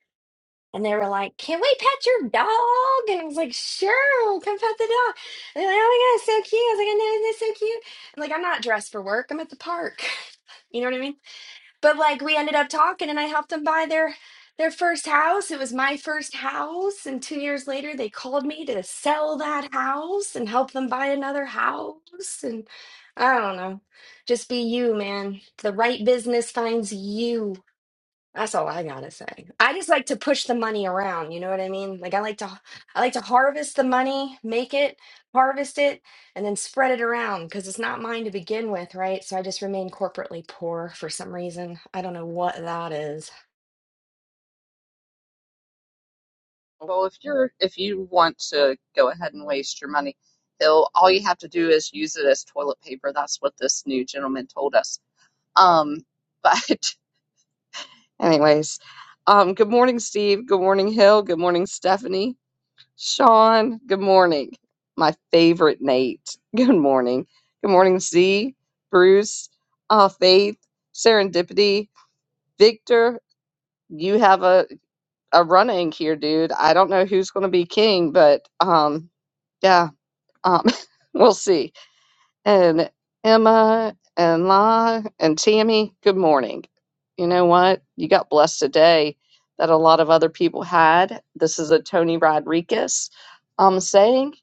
Speaker 7: and they were like, "Can we pet your dog?" And I was like, "Sure, come pet the dog." And they're like, "Oh my god, it's so cute!" I was like, "I know, it's so cute." I'm like, "I'm not dressed for work. I'm at the park." You know what I mean? but like we ended up talking and i helped them buy their their first house it was my first house and two years later they called me to sell that house and help them buy another house and i don't know just be you man the right business finds you that's all I gotta say. I just like to push the money around, you know what I mean? Like I like to I like to harvest the money, make it, harvest it, and then spread it around because it's not mine to begin with, right? So I just remain corporately poor for some reason. I don't know what that is.
Speaker 1: Well, if you're if you want to go ahead and waste your money, he'll all you have to do is use it as toilet paper. That's what this new gentleman told us. Um, but anyways, um, good morning, Steve. Good morning, Hill. Good morning, Stephanie. Sean. Good morning, my favorite Nate. Good morning. Good morning, Z. Bruce. Uh, Faith. Serendipity. Victor. You have a a running here, dude. I don't know who's going to be king, but um, yeah, um, we'll see. And Emma and La and Tammy, good morning. You know what? You got blessed today that a lot of other people had. This is a Tony Rodriguez um saying.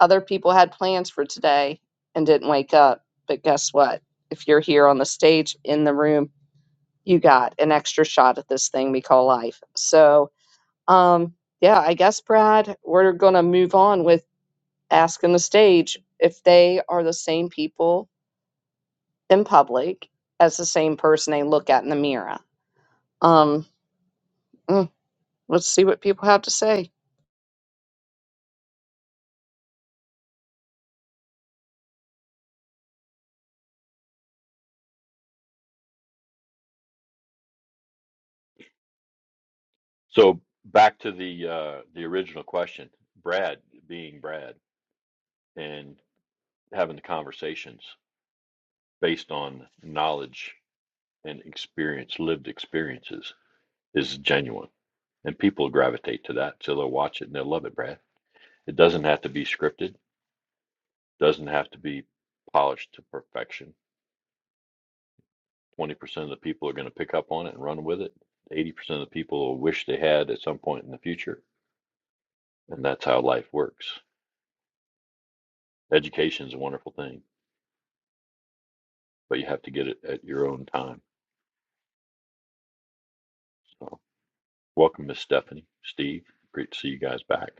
Speaker 1: Other people had plans for today and didn't wake up. But guess what? If you're here on the stage in the room, you got an extra shot at this thing we call life. So um, yeah, I guess, Brad, we're going to move on with asking the stage if they are the same people in public as the same person they look at in the mirror. Um, mm, let's see what people have to say.
Speaker 5: So back to the uh, the original question, Brad being Brad and having the conversations based on knowledge and experience, lived experiences is genuine, and people gravitate to that, so they'll watch it and they'll love it. Brad, it doesn't have to be scripted, doesn't have to be polished to perfection. Twenty percent of the people are going to pick up on it and run with it. Eighty percent of the people will wish they had at some point in the future, and that's how life works. Education is a wonderful thing but you have to get it at your own time. So, welcome, Miss Stephanie, Steve. Great to see you guys back.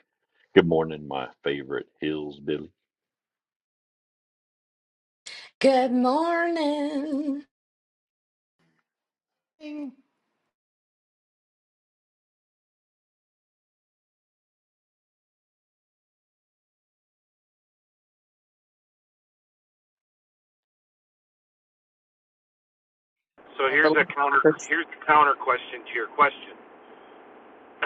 Speaker 5: Good morning, my favorite hills, Billy.
Speaker 7: Good morning.
Speaker 8: thing
Speaker 6: So
Speaker 1: At The
Speaker 6: here's a counter
Speaker 1: first
Speaker 6: here's the counter question to your question.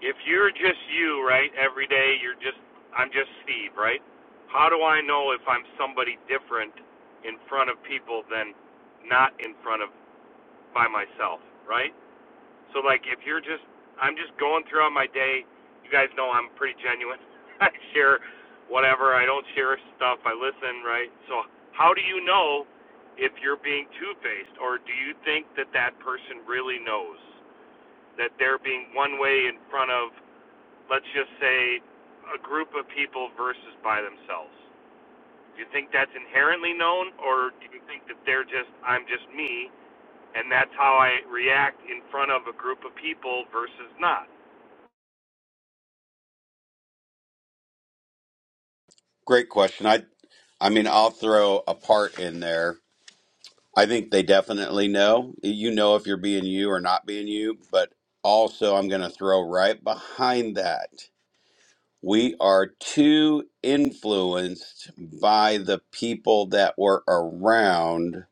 Speaker 6: if you're just you, right, every day you're just I'm just Steve, right? How do I know if I'm somebody different in front of people than not in front of by myself, right? So like if you're just I'm just going throughout my day, you guys know I'm pretty genuine. I share whatever, I don't share stuff, I listen, right? So how do you know if you're being two-faced or do you think that that person really knows that they're being one way in front of let's just say a group of people versus by themselves? Do you think that's inherently known or do you think that they're just I'm just me and that's how I react in front of a group of people versus not.
Speaker 2: Great question. I I mean, I'll throw a part in there. I think they definitely know. You know if you're being you or not being you, but also I'm going to throw right behind that. We are too influenced by the people that we're around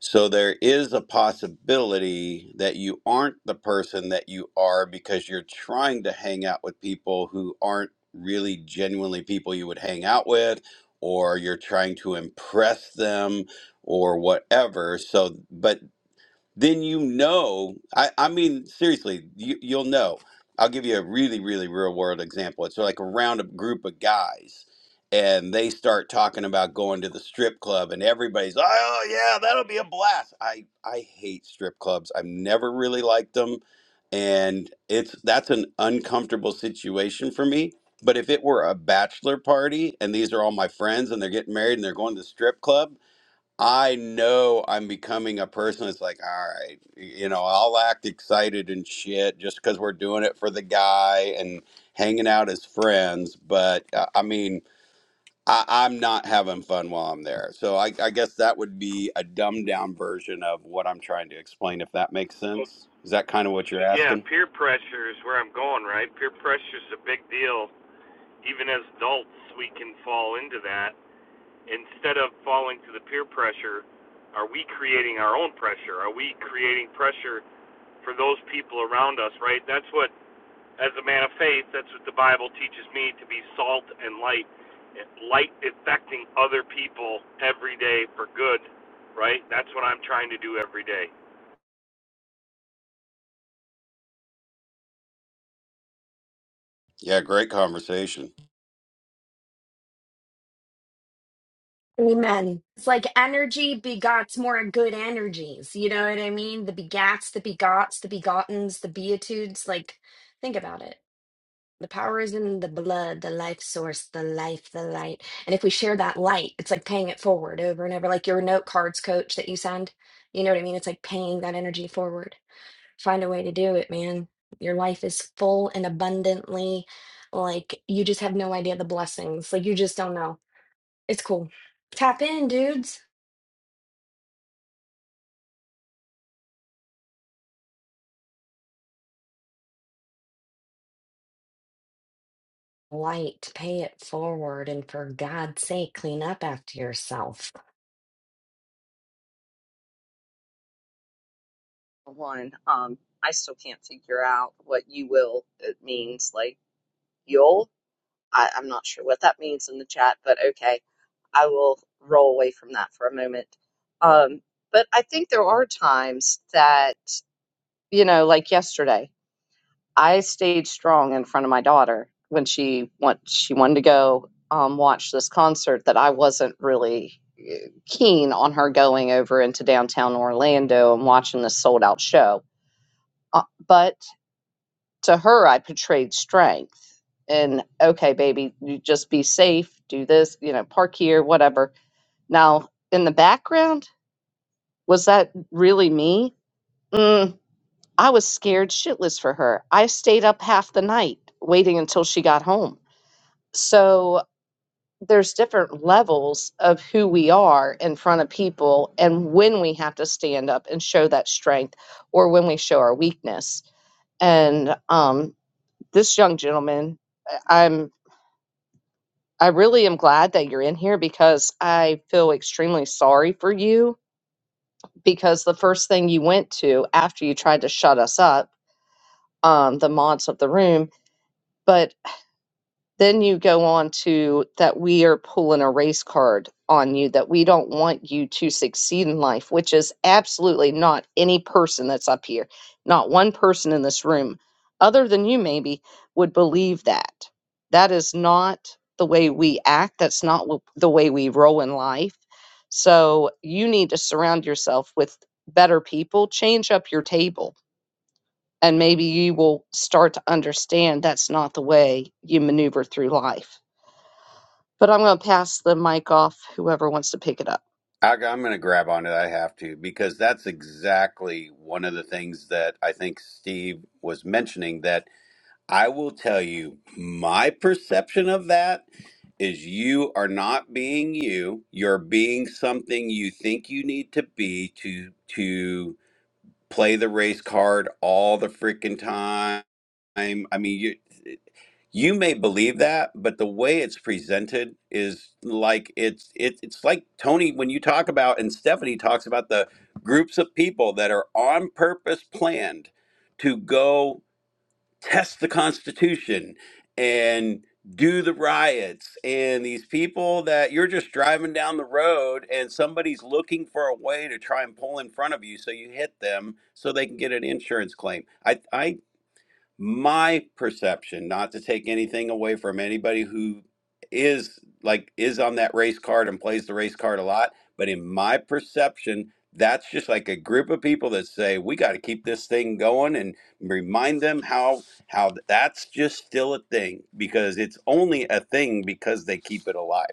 Speaker 2: so there is a possibility that you aren't the person that you are because you're trying to hang out with people who aren't really genuinely people you would hang out with, or you're trying to impress them or whatever. So, but then you know. I, I mean, seriously, you, you'll know. I'll give you a really, really real world example. It's like around a group of guys, and they start talking about going to the strip club, and everybody's, oh oh, yeah, that'll be a blast. I I hate strip clubs. I've never really liked them, and it's that's an uncomfortable situation for me. But if it were a bachelor party and these are all my friends and they're getting married and they're going to the strip club, I know I'm becoming a person that's like, all right, you know, I'll act excited and shit just because we're doing it for the guy and hanging out as friends. But uh, I mean, I, I'm not having fun while I'm there. So I, I guess that would be a dumbed down version of what I'm trying to explain, if that makes
Speaker 6: So
Speaker 2: sense. Is that kind of what you're
Speaker 6: yeah,
Speaker 2: asking?
Speaker 6: peer pressure is where I'm going, right? Peer pressure is a big deal. Even as adults, we can fall into that. Instead of falling to the peer pressure, are we creating our own pressure? Are we creating pressure for those people around us, right? That's what as a man of faith, that's what the Bible teaches me to be salt and light, light affecting other people every day for good, right? That's what I'm trying to do every day.
Speaker 2: Yeah, great conversation.
Speaker 7: Amen. It's like energy begots more good energies. You know what I mean? The begats, the begots, the begottens, the beatitudes. Like, think about it. The power is in the blood, the life source, the life, the light. And if we share that light, it's like paying it forward over and over, like your note cards coach that you send. You know what I mean? It's like paying that energy forward. Find a way to do it, man. Your life is full and abundantly, like you just have no idea the blessings. Like you just don't know. It's cool. Tap in, dudes. Light, pay it forward, and for God's sake, clean up after yourself.
Speaker 1: one, um, I still can't figure out what you will it means. Like, you'll, I, I'm not sure what that means in the chat, but okay, I will roll away from that for a moment. Um, but I think there are times that, you know, like yesterday. I stayed strong in front of my daughter when she want she wanted to go um, watch this concert that I wasn't really eh, keen on her going over into downtown Orlando and watching this sold out show. Uh, but to her, I portrayed strength and okay, baby, you just be safe, do this, you know, park here, whatever. Now in the background, was that really me? Mm, I was scared shitless for her. I stayed up half the night waiting until she got home So there's different levels of who we are in front of people and when we have to stand up and show that strength or when we show our weakness. And um, this young gentleman, I- am I really am glad that you're in here because I feel extremely sorry for you because the first thing you went to after you tried to shut us up, um, the mods of the room. but. Then you go on to that we are pulling a race card on you, that we don't want you to succeed in life, which is absolutely not any person that's up here, not one person in this room, other than you maybe, would believe that. That is not the way we act. That's not wh- the way we roll in life. So you need to surround yourself with better people, change up your table, and maybe you will start to understand that's not the way you maneuver through life. But I'm going to pass the mic off whoever wants to pick it up.
Speaker 2: I, I'm going to grab on it. I have to because that's exactly one of the things that I think Steve was mentioning that I will tell you my perception of that is you are not being you. You're being something you think you need to be to to play the race card all the freaking time. I mean, you you may believe that, but the way it's presented is like it's it, it's like Tony when you talk about and Stephanie talks about the groups of people that are on purpose planned to go test the Constitution and do the riots and these people that you're just driving down the road and somebody's looking for a way to try and pull in front of you so you hit them so they can get an insurance claim. I, I my perception not to take anything away from anybody who is like is on that race card and plays the race card a lot but in my perception that's just like a group of people that say we got to keep this thing going and remind them how how that's just still a thing because it's only a thing because they keep it alive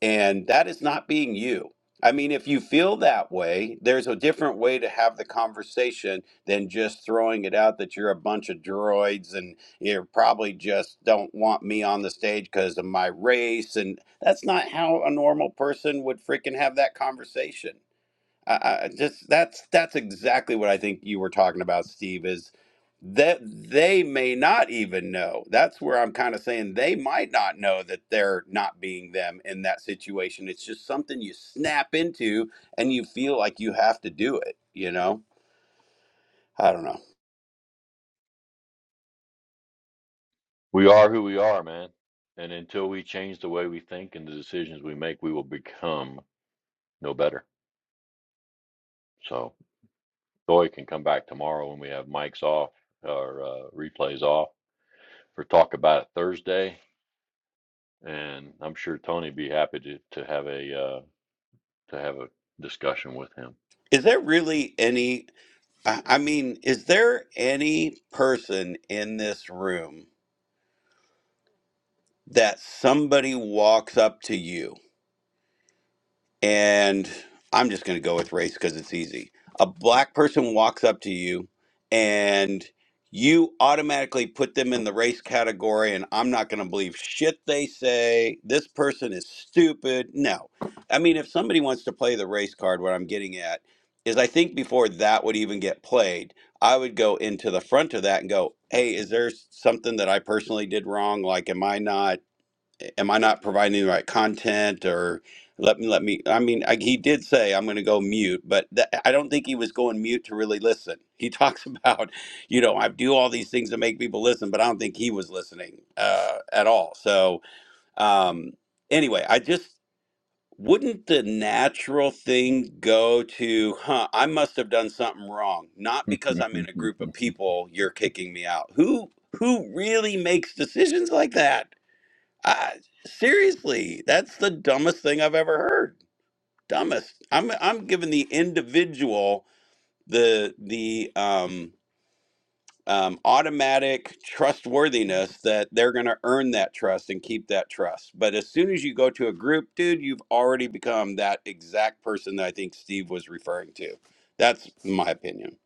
Speaker 2: and that is not being you. I mean, if you feel that way, there's a different way to have the conversation than just throwing it out that you're a bunch of droids and you probably just don't want me on the stage because of my race. And that's not how a normal person would freaking have that conversation. I, I just that's that's exactly what I think you were talking about, Steve. Is that they may not even know. That's where I'm kind of saying they might not know that they're not being them in that situation. It's just something you snap into and you feel like you have to do it. You know, I don't know.
Speaker 5: We are who we are, man. And until we change the way we think and the decisions we make, we will become no better. So, Thoy can come back tomorrow when we have mics off or uh, replays off for talk about it Thursday. And I'm sure Tony would be happy to, to have a uh, to have a discussion with
Speaker 2: Is there really any? I I mean, is there any person in this room that somebody walks up to you? and I'm just going to go with race because it's easy. A black person walks up to you and you automatically put them in the race category, and I'm not going to believe shit they say. This person is stupid. No. I mean, if somebody wants to play the race card, what I'm getting at is I think before that would even get played, I would go into the front of that and go, hey, is there something that I personally did wrong? Like, am I not? am I not providing the right content or let me let me I mean I, he did say I'm going to go mute but th- I don't think he was going mute to really listen. He talks about you know I do all these things to make people listen but I don't think he was listening uh, at all. So um, anyway, I just wouldn't the natural thing go to huh I must have done something wrong not because
Speaker 5: him.
Speaker 2: I'm in a group of people you're kicking me out. Who who really makes decisions like that? I, seriously, that's the dumbest thing I've ever heard. Dumbest. I'm I'm giving the individual the the um, um, automatic trustworthiness that they're going to earn that trust and keep that trust. But as soon as you go to a group, dude, you've already become that exact person that I think Steve was referring to. That's my opinion.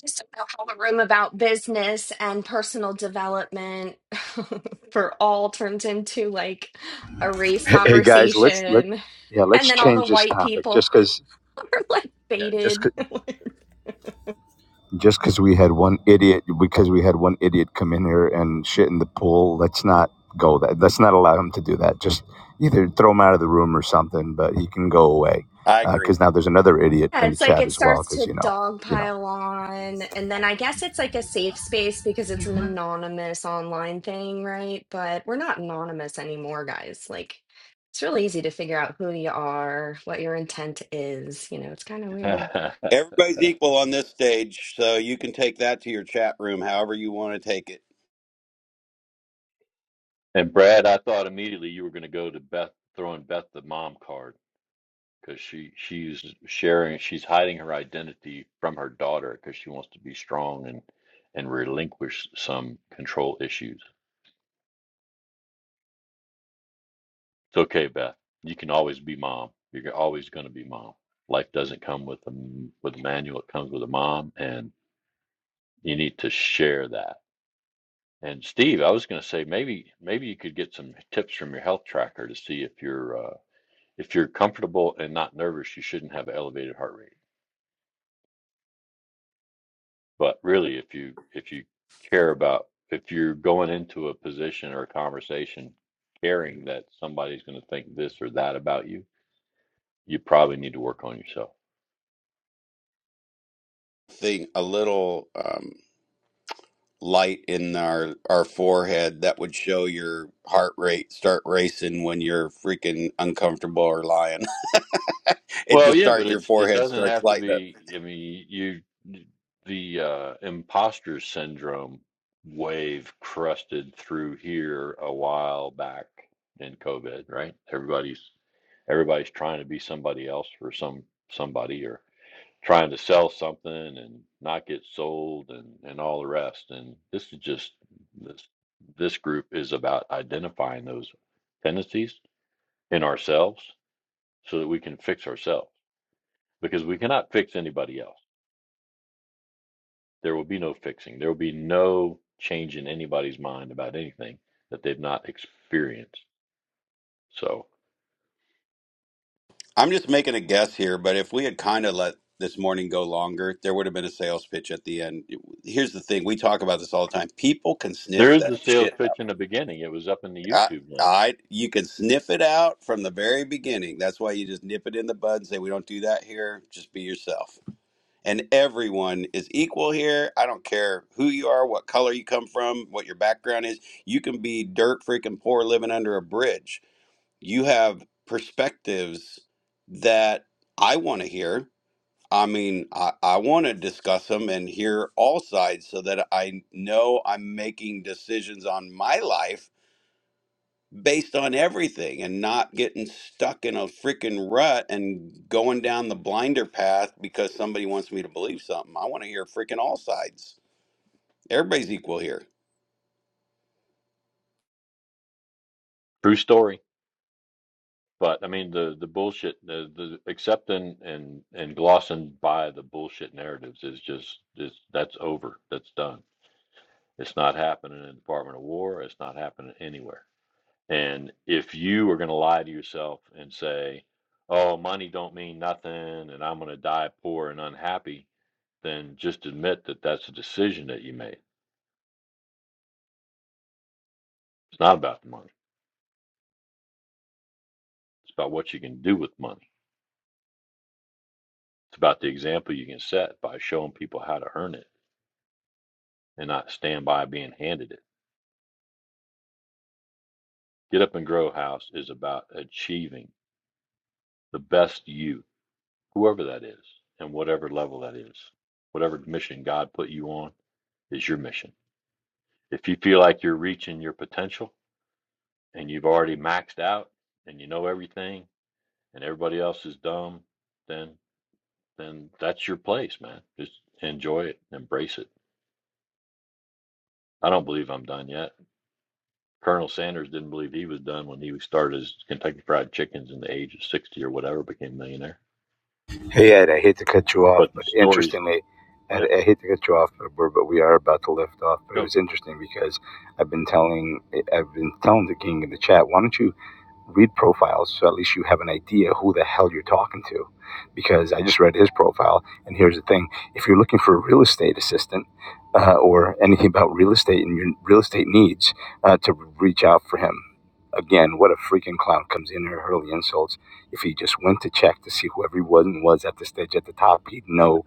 Speaker 7: just about all the room about business and personal development for all turns into like a race
Speaker 4: Hey, hey guys, let's let
Speaker 7: conversation.
Speaker 4: yeah,
Speaker 7: And
Speaker 4: let's
Speaker 7: then all the
Speaker 4: change this
Speaker 7: white
Speaker 4: topic
Speaker 7: people
Speaker 4: just because
Speaker 7: are like
Speaker 4: yeah, just.
Speaker 7: baited.
Speaker 4: just because we had one idiot because we had one idiot come in here and shit in the pool let's not go that let's not allow him to do that just either throw him out of the room or something but he can go away
Speaker 2: I agree.
Speaker 4: because now there's another idiot
Speaker 7: Yeah,
Speaker 4: in the
Speaker 7: it's like
Speaker 4: chat
Speaker 7: it
Speaker 4: as well
Speaker 7: starts
Speaker 4: because you
Speaker 7: to
Speaker 4: know you know
Speaker 7: dogpile on. And then I guess it's like a safe space because it's an anonymous online thing, right? But we're not anonymous anymore, guys. Like it's really easy to figure out who you are, what your intent is. You know, it's kind of weird.
Speaker 2: Everybody's equal on this stage, so you can take that to your chat room however you want to take it
Speaker 5: And Brad, I thought immediately you were going to go to Beth throwing Beth the mom card because she she's sharing she's hiding her identity from her daughter because she wants to be strong and and relinquish some control issues. It's okay, Beth. You can always be mom. You're always going to be mom. Life doesn't come with a m- with a manual. It comes with a mom, and you need to share that. And Steve, I was going to say maybe maybe you could get some tips from your health tracker to see if you're uh, if you're comfortable and not nervous, you shouldn't have an elevated heart rate. But really, if you if you care about if you're going into a position or a conversation caring that somebody's going to think this or that about you, you probably need to work on yourself.
Speaker 2: thing a little um, light in our our forehead that would show your heart rate start racing when you're freaking uncomfortable or lying. it
Speaker 5: Well,
Speaker 2: just
Speaker 5: yeah,
Speaker 2: start
Speaker 5: but
Speaker 2: your
Speaker 5: it's it
Speaker 2: forehead
Speaker 5: doesn't
Speaker 2: starts
Speaker 5: have to
Speaker 2: lighting up.
Speaker 5: be. I mean, you the uh, imposter syndrome wave crusted through here a while back in COVID, right? Everybody's everybody's trying to be somebody else for some somebody or trying to sell something and not get sold and and all the rest. And this is just this this group is about identifying those tendencies in ourselves so that we can fix ourselves because we cannot fix anybody else. There will be no fixing. There will be no change in anybody's mind about anything that they've not experienced. So
Speaker 2: I'm just making a guess here, but if we had kind of let this morning go longer, there would have been a sales pitch at the end. Here's the thing: we talk about this all the time. People can
Speaker 5: there
Speaker 2: sniff
Speaker 5: is the
Speaker 2: that
Speaker 5: sales
Speaker 2: shit.
Speaker 5: pitch in the beginning. It was up in the
Speaker 2: out.
Speaker 5: YouTube
Speaker 2: I,
Speaker 5: link.
Speaker 2: I, you can sniff it out from the very beginning. That's why you just nip it in the bud and say, "We don't do that here. Just be yourself." and everyone is equal here. I don't care who you are, what color you come from, what your background is. You can be dirt freaking poor living under a bridge. You have perspectives that I want to hear. I mean, I, I want to discuss them and hear all sides so that I know I'm making decisions on my life based on everything and not getting stuck in a freaking rut and going down the blinder path because somebody wants me to believe something. I want to hear freaking all sides. Everybody's equal here.
Speaker 5: True story. But I mean the the bullshit the, the accepting and and glossing by the bullshit narratives is just is that's over. That's done. It's not happening in the Department of War. It's not happening anywhere. And if you are going to lie to yourself and say, "Oh, money don't mean nothing and I'm going to die poor and unhappy," then just admit that that's a decision that you made. It's not about the money. It's about what you can do with money. It's about the example you can set by showing people how to earn it and not stand by being handed it. Get up and grow house is about achieving the best you, whoever that is, and whatever level that is. Whatever mission God put you on is your mission. If you feel like you're reaching your potential and you've already maxed out and you know everything and everybody else is dumb, then then that's your place, man. Just enjoy it, embrace it. I don't believe I'm done yet. Colonel Sanders didn't believe he was done when he started his Kentucky Fried Chickens in the age of 60 or whatever, became a millionaire.
Speaker 4: Hey Ed, I hate to cut you off,
Speaker 5: But the
Speaker 4: but
Speaker 5: stories,
Speaker 4: interestingly, Ed,
Speaker 5: yeah,
Speaker 4: I hate to cut you off, but we're, but we are about to lift off. But it
Speaker 5: go.
Speaker 4: was interesting because I've been telling I've been telling the king in the chat, why don't you read profiles so at least you have an idea who the hell you're talking to? Because I just read his profile, and here's the thing: if you're looking for a real estate assistant uh, or anything about real estate and your real estate needs, uh, to reach out for him. Again, what a freaking clown comes in here hurling insults if he just went to check to see who everyone was at the stage at the top, he'd know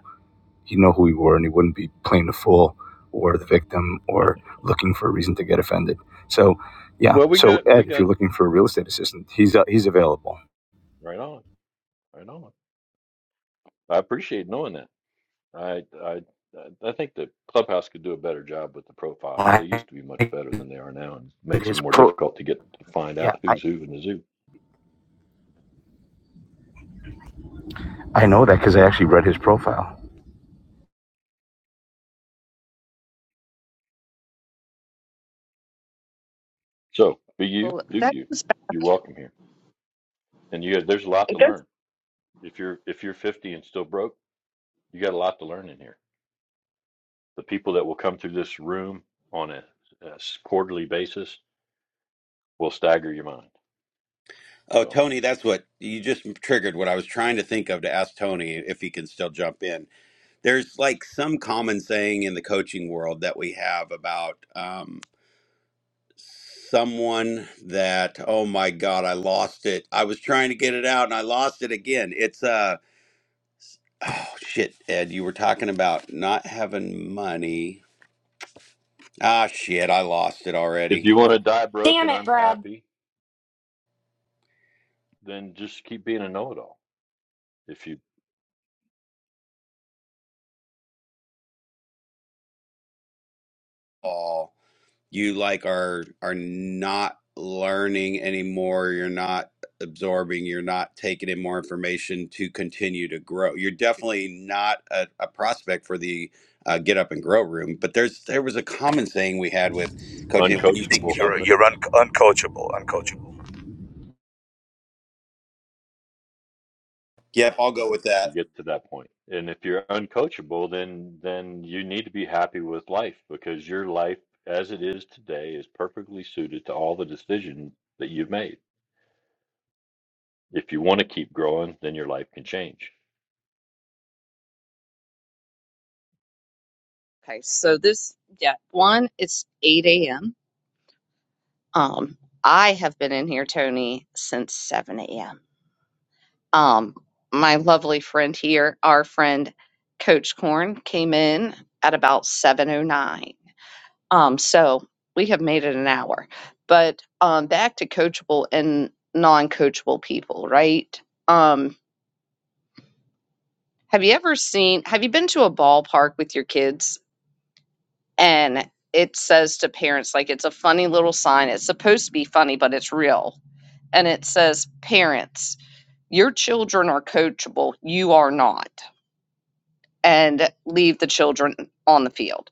Speaker 4: he'd know who we were, and he wouldn't be playing the fool or the victim or looking for a reason to get offended. So, yeah.
Speaker 5: Well, we
Speaker 4: So
Speaker 5: got, we
Speaker 4: Ed, if you're
Speaker 5: got,
Speaker 4: looking for a real estate assistant, he's uh, he's available.
Speaker 5: right on, right on. I appreciate knowing that. I I I think the clubhouse could do a better job with the profiles. They
Speaker 4: I,
Speaker 5: used to be much better than they are now, and makes it
Speaker 4: his
Speaker 5: more
Speaker 4: pro.
Speaker 5: difficult to get to find
Speaker 4: Yeah,
Speaker 5: out
Speaker 4: I
Speaker 5: who's who in the zoo.
Speaker 4: I know that because I actually read his profile.
Speaker 5: So be you,
Speaker 1: Well,
Speaker 5: do
Speaker 1: that
Speaker 5: you.
Speaker 1: was back.
Speaker 5: You're welcome here, and you there's a lot
Speaker 1: I
Speaker 5: to
Speaker 1: guess-
Speaker 5: learn. If you're if you're 50 and still broke, you got a lot to learn in here. The people that will come through this room on a, a s- quarterly basis will stagger your mind.
Speaker 2: Oh,
Speaker 5: So
Speaker 2: Tony, that's what you just triggered what I was trying to think of to ask Tony if he can still jump in. There's like some common saying in the coaching world that we have about um, someone that, oh my God, I lost it. I was trying to get it out and I lost it again. It's uh, Oh shit, Ed, you were talking about not having money. Ah shit, I lost it
Speaker 5: if
Speaker 2: already.
Speaker 5: you want to die broke
Speaker 7: Damn
Speaker 5: and
Speaker 7: it, Brad.
Speaker 5: unhappy, then just keep being a know-it-all. If you
Speaker 2: Oh, you like are are not learning anymore. You're not absorbing. You're not taking in more information to continue to grow. You're definitely not a, a prospect for the uh, get up and grow room. But there's there was a common saying we had with coaching when you think
Speaker 5: uncoachable.
Speaker 2: you know.
Speaker 4: You're you're un- uncoachable, uncoachable.
Speaker 2: Yep, I'll go with that.
Speaker 5: you get to that point and if you're uncoachable then then you need to be happy with life because your life as it is today is perfectly suited to all the decisions that you've made if you want to keep growing then your life can change
Speaker 1: Okay, so this, yeah, one, it's 8 a.m. Um, I have been in here, Tony, since 7 a.m. Um, my lovely friend here, our friend Coach Corn, came in at about 7:09. Um, so we have made it an hour. But um, back to coachable and non-coachable people, right? Um, have you ever seen? Have you been to a ballpark with your kids and it says to parents like it's a funny little sign. It's supposed to be funny, but it's real, and it says, "Parents, your children are coachable. You are not." and leave the children on the field.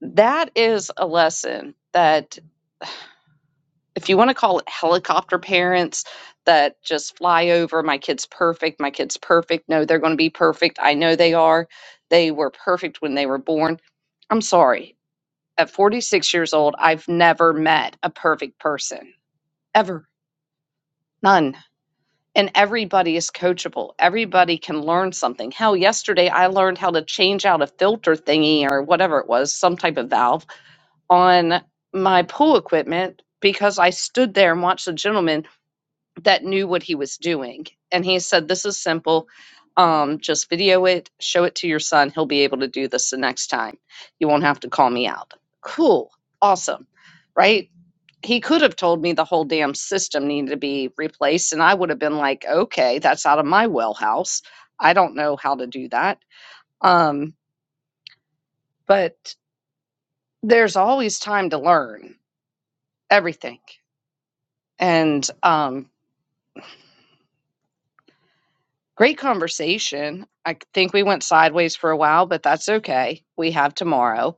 Speaker 1: That is a lesson that, if you want to call it helicopter parents that just fly over, my kid's perfect, my kid's perfect. No, they're going to be perfect. I know they are. They were perfect when they were born. I'm sorry. At 46 years old, I've never met a perfect person, ever. None. And everybody is coachable. Everybody can learn something. Hell, yesterday I learned how to change out a filter thingy or whatever it was, some type of valve on my pool equipment because I stood there and watched a gentleman that knew what he was doing. And he said, This is simple. Um, just video it, show it to your son. He'll be able to do this the next time. You won't have to call me out. Cool. Awesome. Right? He could have told me the whole damn system needed to be replaced, and I would have been like, okay, that's out of my wellhouse. I don't know how to do that. Um, but there's always time to learn everything and um great conversation i think we went sideways for a while but that's okay we have tomorrow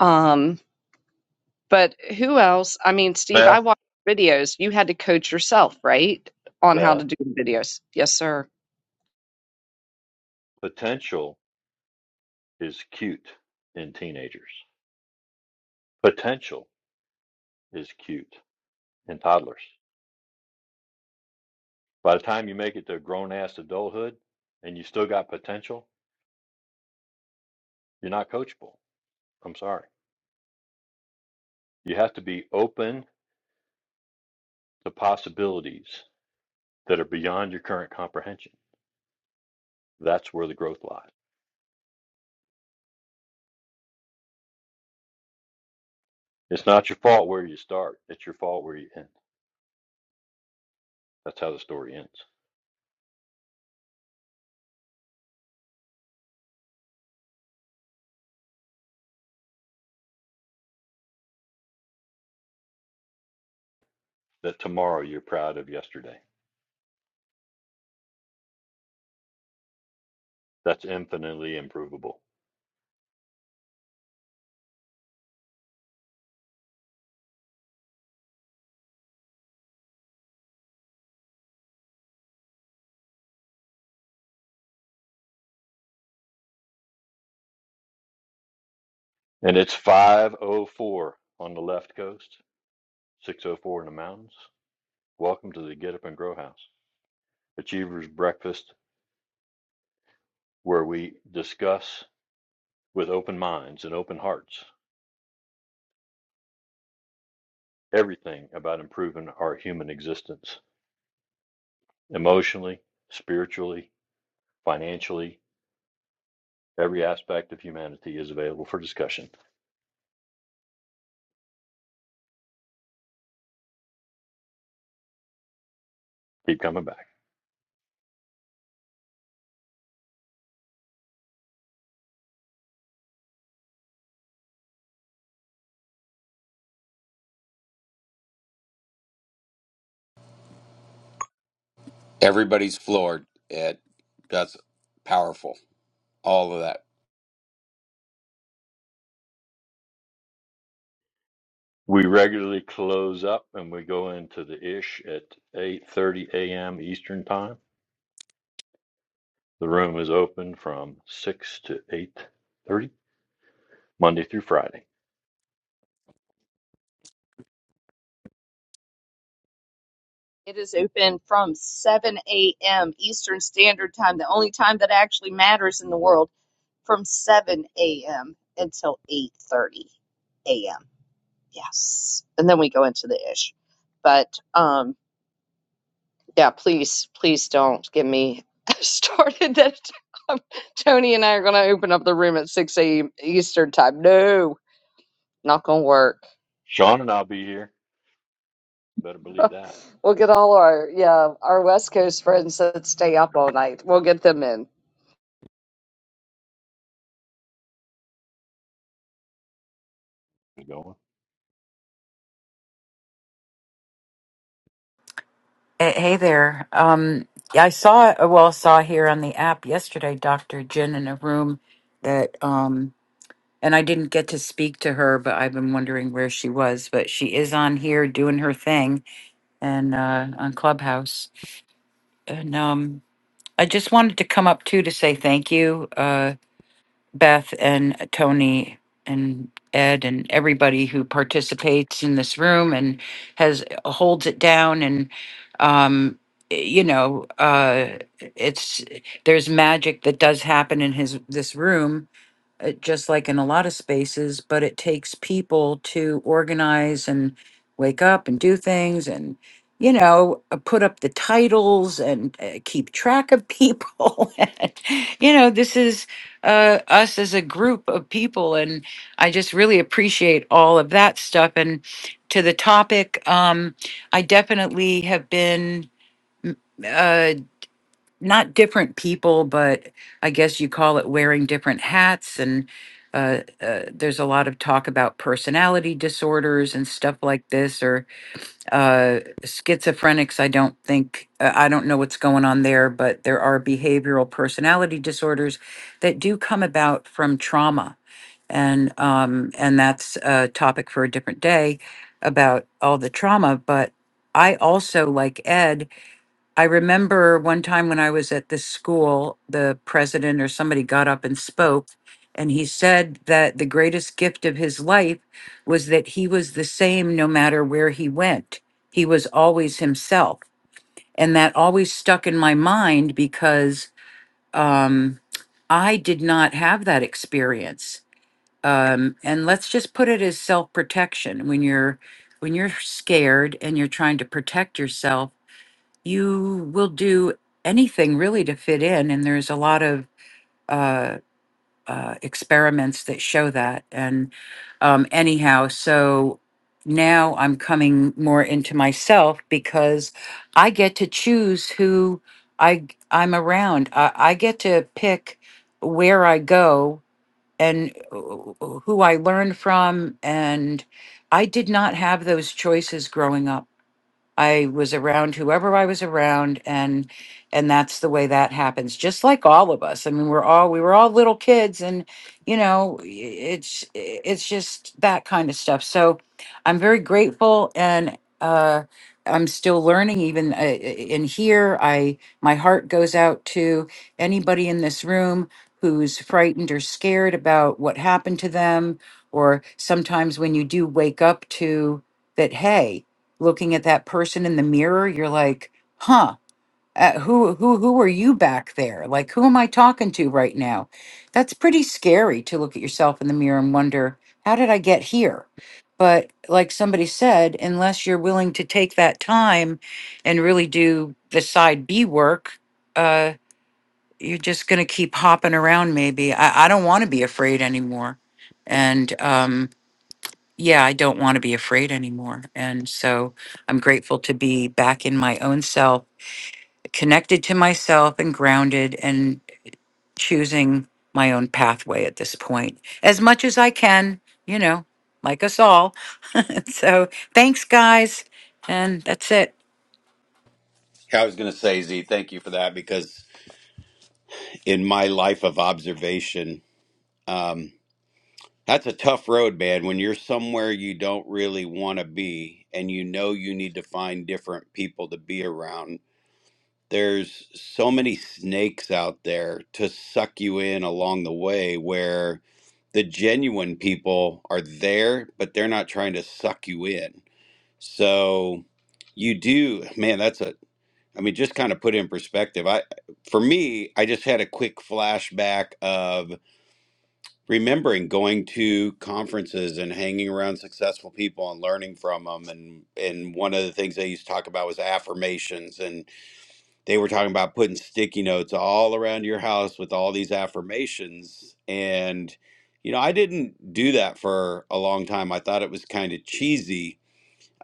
Speaker 1: um but who else i mean steve i
Speaker 5: beth
Speaker 1: watched videos you had to coach yourself right on how to
Speaker 5: beth
Speaker 1: do the videos yes sir
Speaker 5: potential is cute in teenagers potential is cute in toddlers by the time you make it to grown ass adulthood and you still got potential you're not coachable i'm sorry you have to be open to possibilities that are beyond your current comprehension. That's where the growth lies. It's not your fault where you start, it's your fault where you end. That's how the story ends. That tomorrow you're proud of yesterday. That's infinitely improvable. And it's 504 on the left coast, 604 in the mountains. Welcome to the Get Up and Grow House, Achievers Breakfast, where we discuss with open minds and open hearts everything about improving our human existence emotionally, spiritually, financially, Every aspect of humanity is available for discussion. Keep coming back.
Speaker 2: Everybody's floored, Ed. That's powerful. All of that.
Speaker 5: We regularly close up and we go into the ish at 8:30 a.m. Eastern Time. The room is open from 6 to 8:30 Monday through Friday.
Speaker 1: It is open from 7 a.m. Eastern Standard Time, the only time that actually matters in the world, from 7 a.m. until 8:30 a.m. Yes, and then we go into the ish. But um, Yeah, please, please don't get me started. That um, Tony and I are going to open up the room at 6 a.m. Eastern time. No, not going to work.
Speaker 5: Sean and I'll be here. Better believe that.
Speaker 1: we'll get all our, yeah, our West Coast friends that stay up all night. We'll get them in.
Speaker 5: We're going.
Speaker 9: Eh, Hey there. Um, yeah, I saw, well, saw here on the app yesterday, Dr. Jen in a room that, um, and I didn't get to speak to her, but I've been wondering where she was. But she is on here doing her thing and uh, on Clubhouse. And um, I just wanted to come up too to say thank you. uh, Beth and Tony and Ed and everybody who participates in this room and has holds it down and um you know uh it's there's magic that does happen in his this room uh, just like in a lot of spaces, but it takes people to organize and wake up and do things and, you know, uh, put up the titles and uh, keep track of people. and, you know, this is uh, us as a group of people. And I just really appreciate all of that stuff. And to the topic, um, I definitely have been. Uh, not different people, but I guess you call it wearing different hats. And uh, uh, there's a lot of talk about personality disorders and stuff like this, or uh, schizophrenics. I don't think, uh, I don't know what's going on there, but there are behavioral personality disorders that do come about from trauma. And um, and that's a topic for a different day about all the trauma. But I also, like Ed, I remember one time when I was at this school, the president or somebody got up and spoke, and he said that the greatest gift of his life was that he was the same no matter where he went. He was always himself. And that always stuck in my mind because um, I did not have that experience. Um, and let's just put it as self protection when you're when you're scared and you're trying to protect yourself you will do anything really to fit in and there's a lot of uh, uh, experiments that show that and um, anyhow so now i'm coming more into myself because i get to choose who i g- i'm around i, I get to pick where i go and uh, who i learn from and i did not have those choices growing up I was around whoever I was around and and that's the way that happens just like all of us. I mean we're all we were all little kids and you know i- it's it's just that kind of stuff. So I'm very grateful and uh I'm still learning even uh, in here I my heart goes out to anybody in this room who's frightened or scared about what happened to them or sometimes when you do wake up to that hey looking at that person in the mirror, you're like, huh, uh, who, who, who are you back there? Like, who am I talking to right now? That's pretty scary to look at yourself in the mirror and wonder, how did I get here? But like somebody said, unless you're willing to take that time and really do the side B work, uh, you're just going to keep hopping around, maybe. I, I don't want to be afraid anymore. And, um, yeah, I don't want to be afraid anymore. And so I'm grateful to be back in my own self, connected to myself and grounded and choosing my own pathway at this point as much as I can, you know, like us all. so thanks, guys. And that's it.
Speaker 2: I was going to say, Z, thank you for that because in my life of observation, um, that's a tough road, man. When you're somewhere you don't really want to be and you know you need to find different people to be around, there's so many snakes out there to suck you in along the way where the genuine people are there, but they're not trying to suck you in. So you do, man, that's a I mean, just kind of put in perspective. I, for me, I just had a quick flashback of remembering going to conferences and hanging around successful people and learning from them. And and one of the things they used to talk about was affirmations, and they were talking about putting sticky notes all around your house with all these affirmations. And you know, I didn't do that for a long time. I thought it was kind of cheesy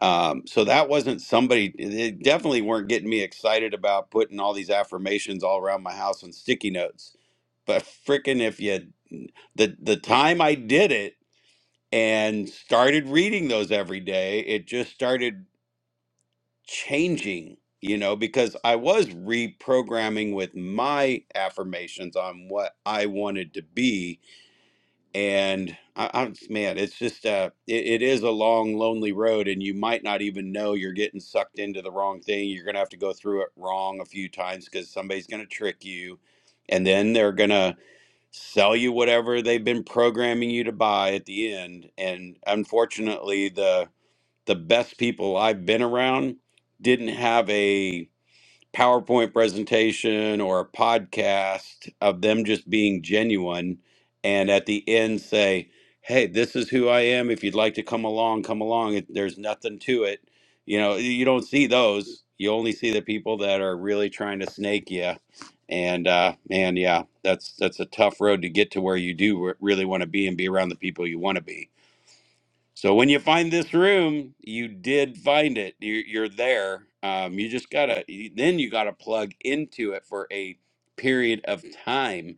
Speaker 2: um, so that wasn't somebody, they definitely weren't getting me excited about putting all these affirmations all around my house on sticky notes. But frickin' if you, the, the time I did it and started reading those every day, it just started changing, you know, because I was reprogramming with my affirmations on what I wanted to be and I, I'm man, it's just uh, it, it is a long, lonely road, and you might not even know you're getting sucked into the wrong thing. You're gonna have to go through it wrong a few times because somebody's gonna trick you, and then they're gonna sell you whatever they've been programming you to buy at the end. And unfortunately, the the best people I've been around didn't have a PowerPoint presentation or a podcast of them just being genuine and at the end say, Hey, this is who I am. If you'd like to come along, come along. It- There's nothing to it. You know, you don't see those. You only see the people that are really trying to snake you. And uh, man, yeah, that's that's a tough road to get to where you do re- really want to be and be around the people you want to be. So when you find this room, you did find it. You're, you're there. Um, you just gotta you- then you gotta plug into it for a period of time,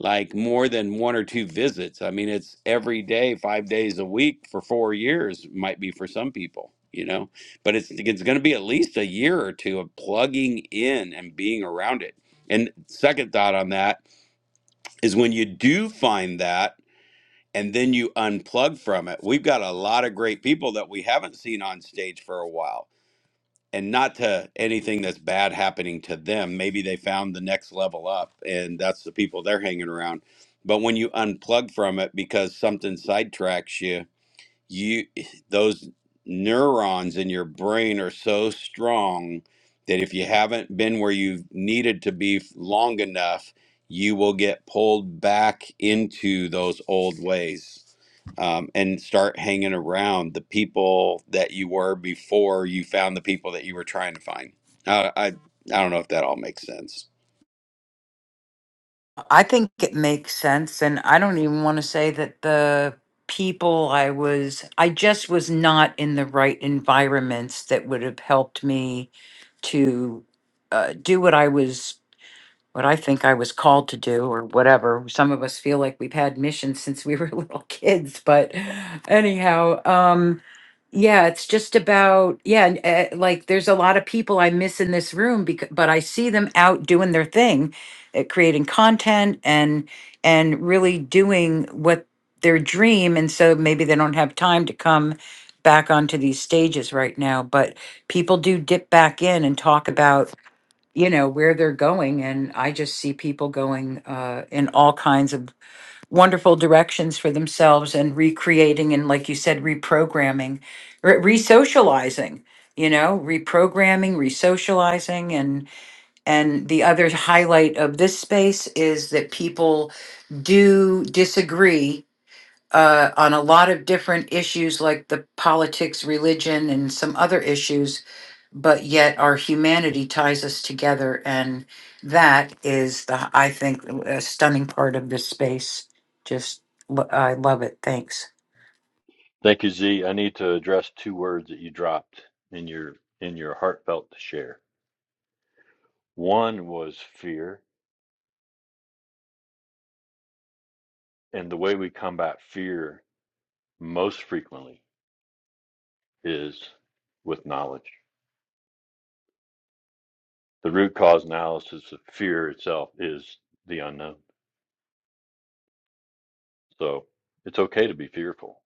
Speaker 2: like more than one or two visits. I mean, it's every day, five days a week for four years. Might be for some people, you know, but it's it's gonna be at least a year or two of plugging in and being around it. And second thought on that is when you do find that and then you unplug from it. We've got a lot of great people that we haven't seen on stage for a while. And not to anything that's bad happening to them. Maybe they found the next level up and that's the people they're hanging around. But when you unplug from it because something sidetracks you you those neurons in your brain are so strong that if you haven't been where you needed to be f- long enough you will get pulled back into those old ways um, and start hanging around the people that you were before you found the people that you were trying to find uh, i i don't know if that all makes sense
Speaker 9: I think it makes sense. And I don't even want to say that the people I was, I just was not in the right environments that would have helped me to uh, do what I was, what I think I was called to do or whatever. Some of us feel like we've had missions since we were little kids. But anyhow, um, yeah, it's just about yeah, and, uh, like there's a lot of people I miss in this room because but I see them out doing their thing, uh, creating content and and really doing what their dream and so maybe they don't have time to come back onto these stages right now, but people do dip back in and talk about, you know, where they're going and I just see people going uh in all kinds of wonderful directions for themselves and recreating and like you said reprogramming re- re-socializing you know reprogramming re-socializing and and the other highlight of this space is that people do disagree uh, on a lot of different issues like the politics religion and some other issues but yet our humanity ties us together and that is the i think a stunning part of this space just lo- i love it thanks
Speaker 5: Thank you, Z. I need to address two words that you dropped in your in your heartfelt to share. One was fear, and the way we combat fear most frequently is with knowledge the root cause analysis of fear itself is the unknown. So it's okay to be fearful,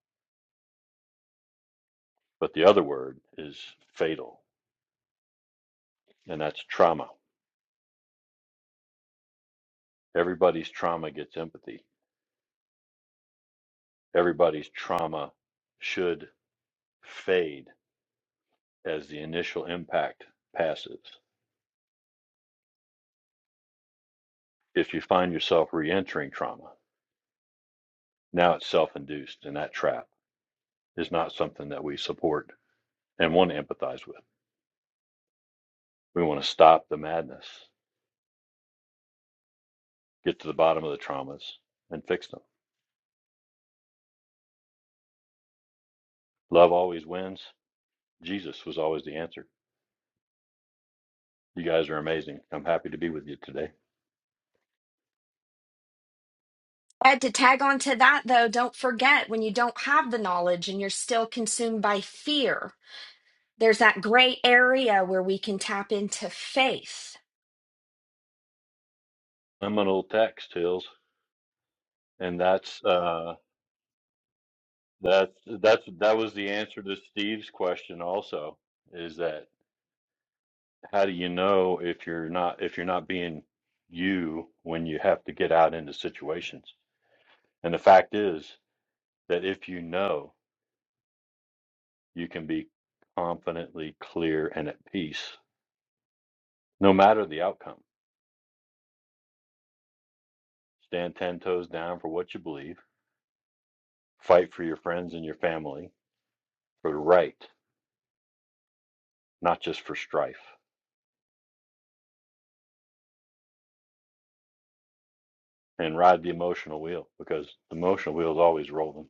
Speaker 5: but the other word is fatal, and that's trauma. Everybody's trauma gets empathy. Everybody's trauma should fade as the initial impact passes. If you find yourself re entering trauma, now it's self induced, and that trap is not something that we support and want to empathize with. We want to stop the madness, get to the bottom of the traumas, and fix them Love always wins. Jesus was always the answer. You guys are amazing. I'm happy to be with you today.
Speaker 7: Ed, to tag on to that though, don't forget when you don't have the knowledge and you're still consumed by fear, there's that gray area where we can tap into faith.
Speaker 5: Liminal text, Hills, and that's uh, that's that's that was the answer to Steve's question. Also, is that how do you know if you're not if you're not being you when you have to get out into situations? And the fact is that if you know, you can be confidently clear and at peace, no matter the outcome. Stand ten toes down for what you believe Fight for your friends and your family, for the right, not just for strife. And ride the emotional wheel because the emotional wheel is always rolling.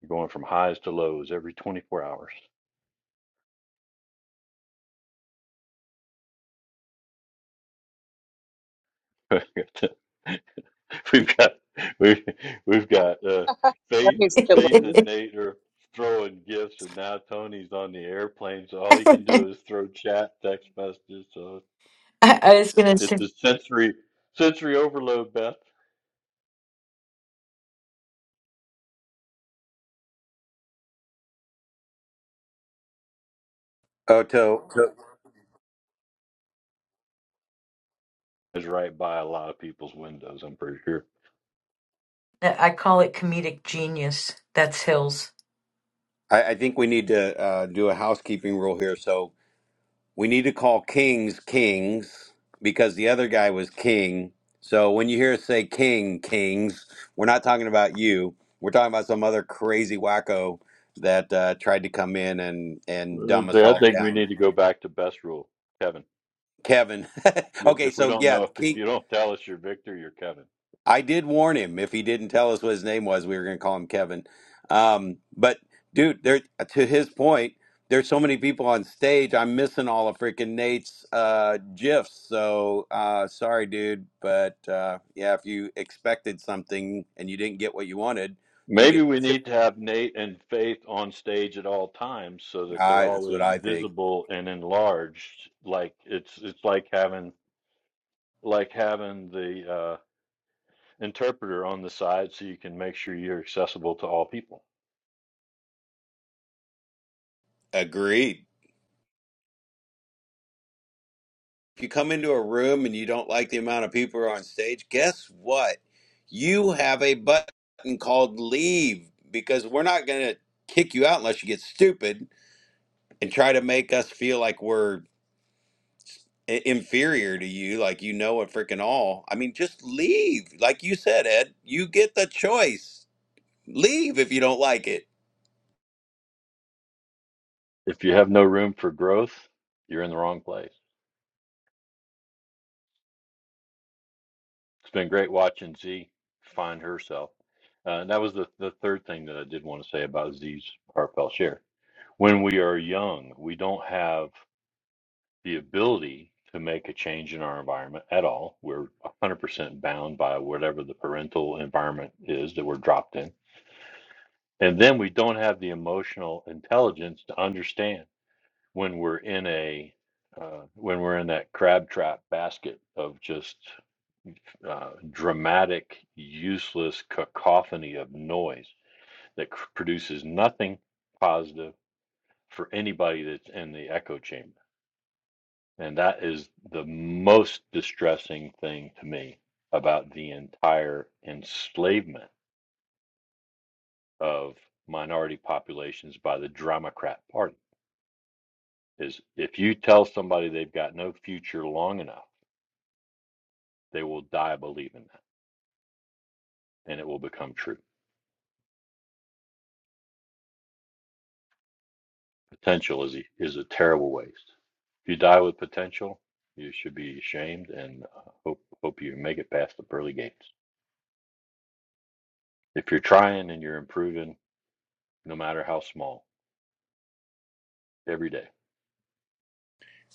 Speaker 5: You're going from highs to lows every 24 hours. we've got we've, we've got uh,
Speaker 1: That
Speaker 5: faith
Speaker 1: means kill it.
Speaker 5: faith and Nate are throwing gifts, and now Tony's on the airplane, so all he can do is throw chat, text messages. So it's a sensory sensory overload. Beth
Speaker 2: Oh, to, to-
Speaker 5: is right by a lot of people's windows. I'm pretty sure.
Speaker 9: I call it comedic genius. That's Hills.
Speaker 2: I, I think we need to uh, do a housekeeping rule here. So We need to call kings kings because the other guy was king. So when you hear us say king kings, we're not talking about you. We're talking about some other crazy wacko that uh, tried to come in and and
Speaker 5: Uh,
Speaker 2: dumb us
Speaker 5: I
Speaker 2: all
Speaker 5: think we
Speaker 2: down.
Speaker 5: need to go back to best rule, Kevin.
Speaker 2: Kevin.
Speaker 5: You-
Speaker 2: okay,
Speaker 5: If we
Speaker 2: so
Speaker 5: don't
Speaker 2: yeah,
Speaker 5: know, if
Speaker 2: King.
Speaker 5: you don't tell us you're Victor, you're Kevin.
Speaker 2: I did warn him if he didn't tell us what his name was, we were going to call him Kevin. Um, but dude, there to his point, there's so many people on stage. I'm missing all of freaking Nate's uh, gifs. So uh, sorry, dude. But uh, yeah, if you expected something and you didn't get what you wanted, you
Speaker 5: Maybe
Speaker 2: get.
Speaker 5: we need to have Nate and Faith on stage at all times so that they're
Speaker 2: I, that's what
Speaker 5: always
Speaker 2: I think.
Speaker 5: visible and enlarged. Like it's it's like having like having the uh, interpreter on the side so you can make sure you're accessible to all people.
Speaker 2: Agreed. If you come into a room and you don't like the amount of people who are on stage, guess what? You have a button called leave because we're not going to kick you out unless you get stupid and try to make us feel like we're i- inferior to you, like you know it freaking all. I mean, just leave. Like you said, Ed, you get the choice. Leave if you don't like it.
Speaker 5: If you have no room for growth, you're in the wrong place. It's been great watching Z find herself. Uh, and that was the, the third thing that I did want to say about Z's heartfelt share. When we are young, we don't have the ability to make a change in our environment at all. We're 100% bound by whatever the parental environment is that we're dropped in. And then we don't have the emotional intelligence to understand when we're in a uh, when we're in that crab trap basket of just uh, dramatic, useless cacophony of noise that c- produces nothing positive for anybody that's in the echo chamber. And that is the most distressing thing to me about the entire enslavement of minority populations by the Democrat Party. Is if you tell somebody they've got no future long enough, they will die believing that, and it will become true. Potential is a, is a terrible waste. If you die with potential, you should be ashamed and uh, hope hope you make it past the pearly gates. If you're trying and you're improving, no matter how small, every day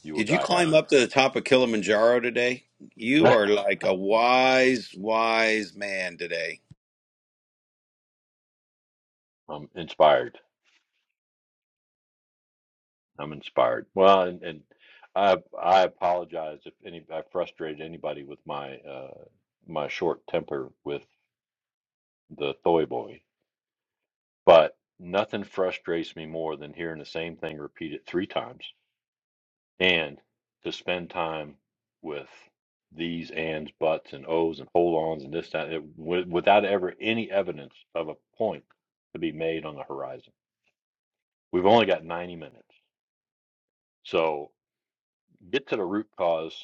Speaker 5: you will
Speaker 2: Did you
Speaker 5: die
Speaker 2: climb
Speaker 5: happy.
Speaker 2: up to the top of Kilimanjaro today? You are like a wise, wise man today.
Speaker 5: I'm inspired. I'm inspired. Well, and, and I I apologize if any I frustrated anybody with my uh, my short temper with the Thoy boy, but nothing frustrates me more than hearing the same thing repeated three times and to spend time with these ands, buts, and ohs, and hold ons, and this, that, it, wi- without ever any evidence of a point to be made on the horizon. We've only got 90 minutes. So get to the root cause,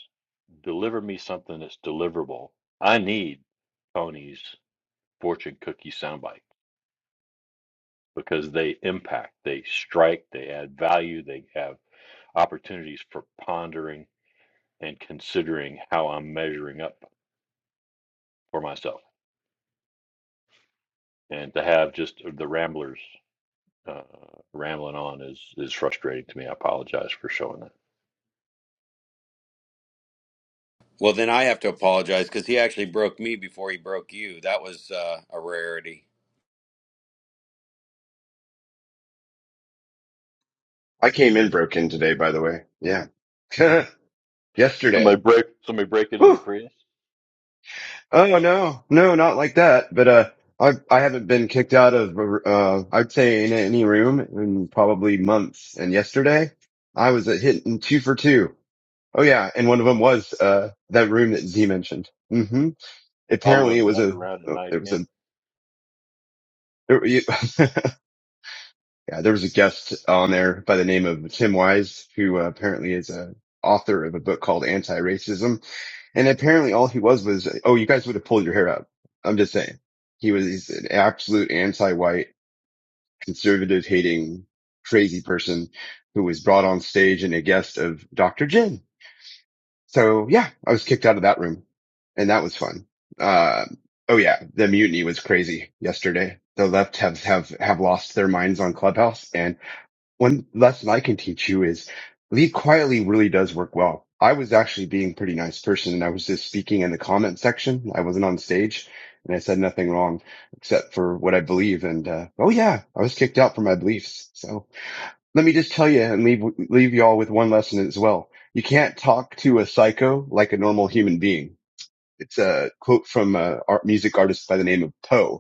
Speaker 5: deliver me something that's deliverable. I need Tony's fortune cookie soundbite because they impact, they strike, they add value, they have opportunities for pondering and considering how I'm measuring up for myself. and to have just the ramblers uh, rambling on is is frustrating to me. I apologize for showing that.
Speaker 2: Well, then I have to apologize because he actually broke me before he broke you. That was uh, a rarity.
Speaker 10: I came in broken today, by the way. Yeah. Yesterday.
Speaker 5: Somebody break somebody break into the
Speaker 10: Whew.
Speaker 5: Prius.
Speaker 10: Oh no, no, not like that. But, uh, I, I haven't been kicked out of, uh, I'd say in any room in probably months. And yesterday I was at hitting two for two. Oh yeah. And one of them was, uh, that room that Z mentioned. hmm
Speaker 5: Oliver
Speaker 10: Apparently it
Speaker 5: and
Speaker 10: was
Speaker 5: Beth
Speaker 10: a,
Speaker 5: around at
Speaker 10: oh,
Speaker 5: night
Speaker 10: there was
Speaker 5: again,
Speaker 10: a, Yeah, there was a guest on there by the name of Tim Wise, who uh, apparently is a author of a book called Anti-Racism. And apparently all he was was, oh, you guys would have pulled your hair out. I'm just saying. He was he's an absolute anti-white, conservative hating, crazy person who was brought on stage and a guest of Dr. Jin. So yeah, I was kicked out of that room and that was fun. Uh, oh yeah, the mutiny was crazy yesterday. The left have, have, have lost their minds on Clubhouse and one lesson I can teach you is lead quietly really does work well. I was actually being a pretty nice person and I was just speaking in the comment section. I wasn't on stage and I said nothing wrong except for what I believe. And, uh, oh yeah, I was kicked out for my beliefs. So let me just tell you and leave, leave you all with one lesson as well. You can't talk to a psycho like a normal human being. It's a quote from a art music artist by the name of Poe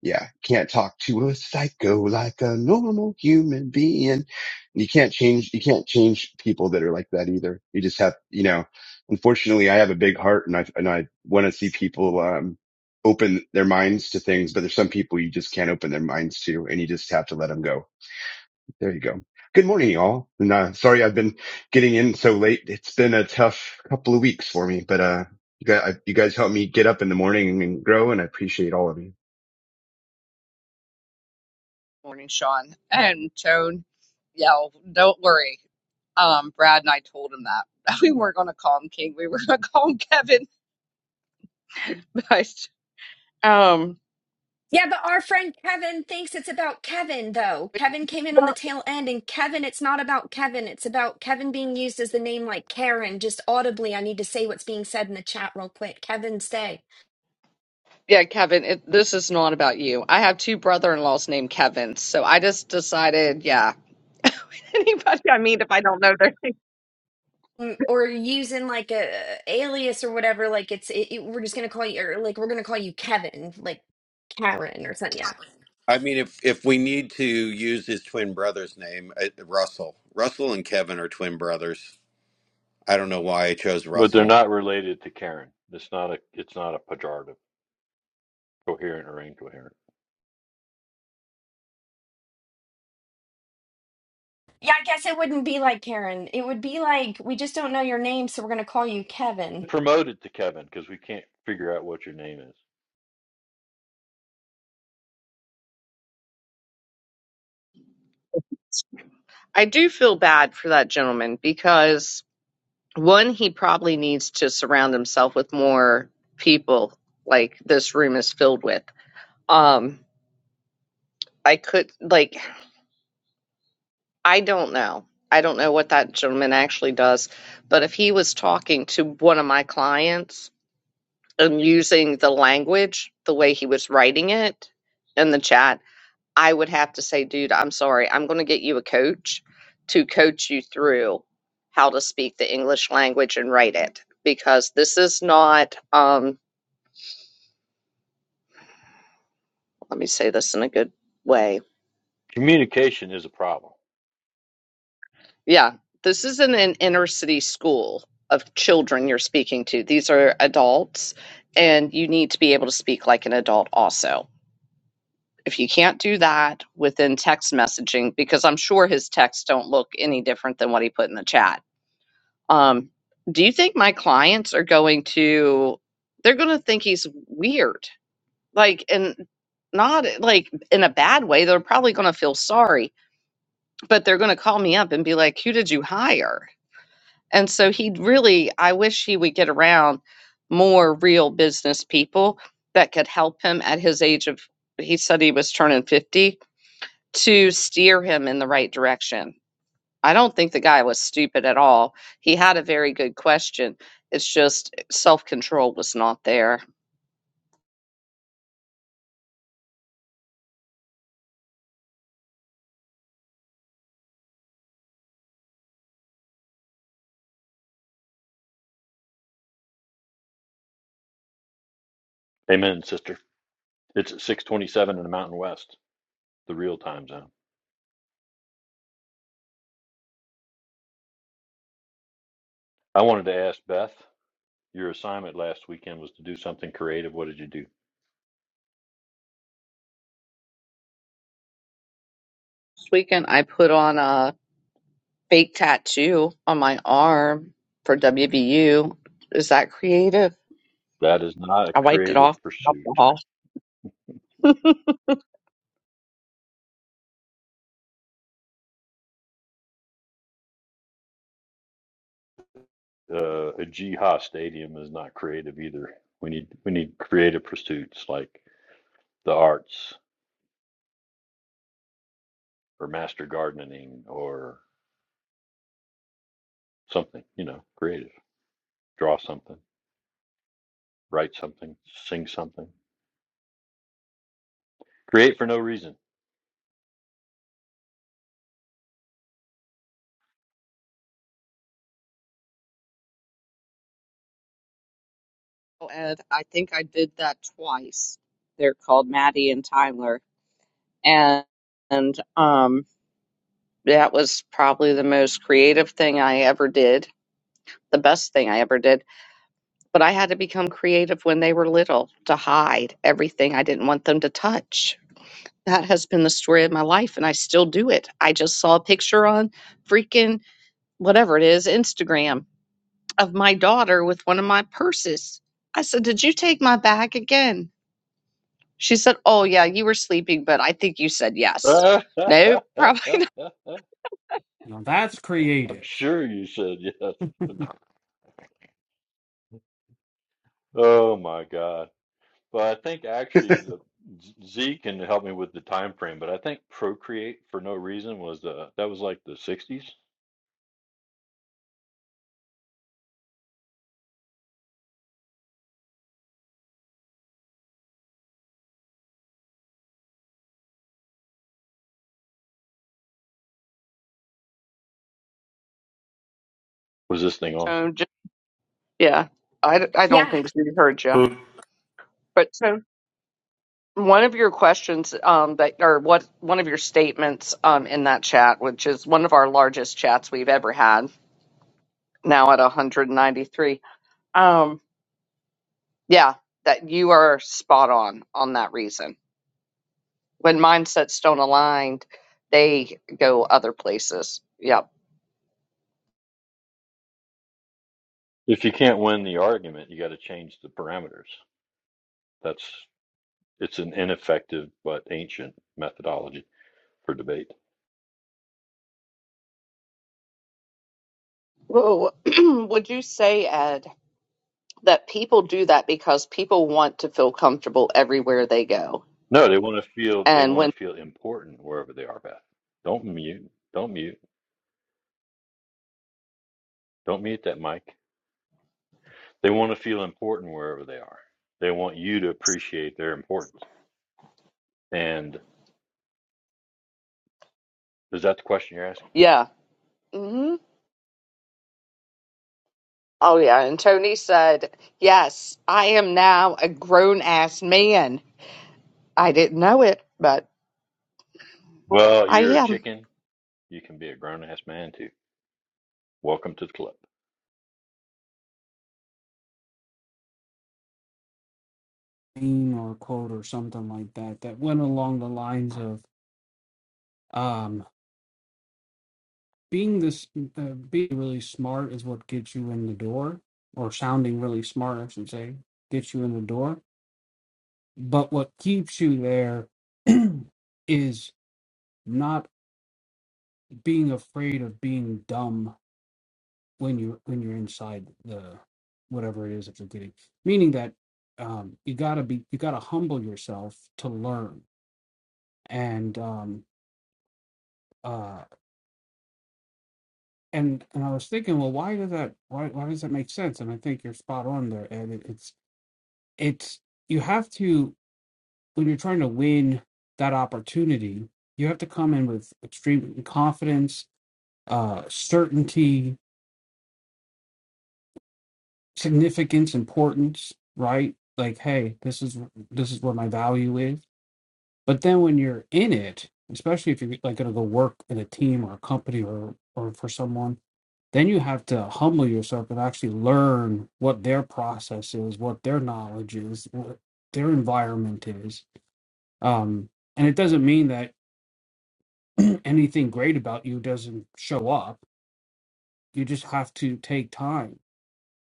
Speaker 10: yeah, can't talk to a psycho like a normal human being. You can't change, you can't change people that are like that either. You just have, you know, unfortunately I have a big heart and I, and I want to see people, um, open their minds to things, but there's some people you just can't open their minds to and you just have to let them go. There you go. Good morning, y'all. And, uh, sorry I've been getting in so late. It's been a tough couple of weeks for me, but, uh, you guys, you guys helped me get up in the morning and grow and I appreciate all of you.
Speaker 1: Morning, Sean. And Tone, yeah, well, don't worry. Um, Brad and I told him that. We weren't going to call him King. We were going to call him Kevin. But, um,
Speaker 7: Yeah, but our friend Kevin thinks it's about Kevin though. Kevin came in on the tail end and Kevin, it's not about Kevin. It's about Kevin being used as the name like Karen. Just audibly, I need to say what's being said in the chat real quick. Kevin, stay.
Speaker 1: Yeah, Kevin, it, this is not about you. I have two brother-in-laws named Kevin, so I just decided, yeah, anybody I meet if I don't know their
Speaker 7: Mm, Or using like a alias or whatever. Like it's, it, it- we're just going to call you, or like we're going to call you Kevin, like Karen or something. Yeah.
Speaker 2: I mean, if if we need to use his twin brother's name, uh, Russell. Russell and Kevin are twin brothers. I don't know why I chose
Speaker 5: but they're
Speaker 2: Russell.
Speaker 5: not related to Karen. It's not a it's not a pejorative, coherent or incoherent.
Speaker 7: Yeah, I guess it wouldn't be like Karen. It would be like, we just don't know your name, so we're going to call you Kevin.
Speaker 5: Promote it to Kevin because we can't figure out what your name is.
Speaker 1: I do feel bad for that gentleman because one, he probably needs to surround himself with more people like this room is filled with. Um, I could like. I don't know. I don't know what that gentleman actually does, but if he was talking to one of my clients and using the language the way he was writing it in the chat, I would have to say, dude, I'm sorry. I'm going to get you a coach to coach you through how to speak the English language and write it because this is not, um, let me say this in a good way
Speaker 5: Communication is a problem.
Speaker 1: Yeah, this isn't an inner city school of children you're speaking to. These are adults, and you need to be able to speak like an adult also. If you can't do that within text messaging, because I'm sure his texts don't look any different than what he put in the chat. Um, do you think my clients are going to, they're going to think he's weird? Like, and not like in a bad way. They're probably going to feel sorry, but they're going to call me up and be like, who did you hire? And so he really, I wish he would get around more real business people that could help him at his age of, he said he was turning 50 to steer him in the right direction. I don't think the guy was stupid at all. He had a very good question. It's just self control was not there.
Speaker 5: Amen, sister. It's at six twenty seven in the Mountain West, the real time zone. I wanted to ask Beth. Your assignment last weekend was to do something creative. What did you do?
Speaker 1: weekend I put on a fake tattoo on my arm for WVU. Is that creative?
Speaker 5: That is not a
Speaker 1: I wiped it
Speaker 5: creative
Speaker 1: off with
Speaker 5: pursuit.
Speaker 1: alcohol.
Speaker 5: Uh, a Jihad stadium is not creative either. We need we need creative pursuits like the arts or master gardening or something. You know, creative. Draw something, write something, sing something. Create for no reason.
Speaker 1: Oh, And I think I did that twice. They're called Maddie and Tyler. And, and um that was probably the most creative thing I ever did. The best thing I ever did. But I had to become creative when they were little to hide everything I didn't want them to touch. that has been the story of my life and I still do it. I just saw a picture on freaking whatever it is, Instagram of my daughter with one of my purses. I said, "Did you take my bag again?" She said, "Oh yeah, you were sleeping, but I think you said yes."
Speaker 5: I'm
Speaker 1: No, probably not.
Speaker 11: Now that's creative.
Speaker 5: sure you said yes. Oh my God. Well, I think actually the Z Z can help me with the time frame, but I think Procreate for no reason was the that was like the 60s. was this thing on?
Speaker 1: So just, yeah, I, d- I don't
Speaker 7: Yeah.
Speaker 1: think she heard you.
Speaker 6: Mm.
Speaker 1: But so one of your questions um, that or what one of your statements um, in that chat, which is one of our largest chats we've ever had, now at 193. um. Yeah, that you are spot on on that reason. When mindsets don't align, they go other places. Yep.
Speaker 5: If you can't win the argument, you got to change the parameters. That's it's an ineffective but ancient methodology for debate.
Speaker 1: Whoa. Would you say, Ed, that people do that because people want to feel comfortable everywhere they go?
Speaker 5: No, they want to feel they
Speaker 1: And
Speaker 5: want
Speaker 1: when,
Speaker 5: to feel important wherever they are, Beth. Don't mute. Don't mute. Don't mute that mic. They want to feel important wherever they are. They want you to appreciate their importance. And is that the question you're asking?
Speaker 1: yeah. hmm Oh, yeah. And Tony said, yes, I am now a grown ass man. I didn't know it, but
Speaker 5: Well,
Speaker 1: I
Speaker 5: you're a
Speaker 1: am.
Speaker 5: chicken. You can be a grown ass man too. Welcome to the club.
Speaker 11: Meme or quote or something like that that went along the lines of um, being this uh, being really smart is what gets you in the door, or sounding really smart, I should say, gets you in the door. But what keeps you there is not being afraid of being dumb when you when you're inside the whatever it is that you're getting. Meaning that um, you gotta be you gotta humble yourself to learn and um uh and and I was thinking, well, why does that why why does that make sense? And I think you're spot on there, and it, it's it's you have to when you're trying to win that opportunity, you have to come in with extreme confidence, uh, certainty, significance, importance, right? Like, hey, this is this is where my value is. But then when you're in it, especially if you're like going to go work in a team or a company or or for someone then you have to humble yourself and actually learn what their process is, what their knowledge is, what their environment is. Um, and it doesn't mean that anything great about you doesn't show up. You just have to take time.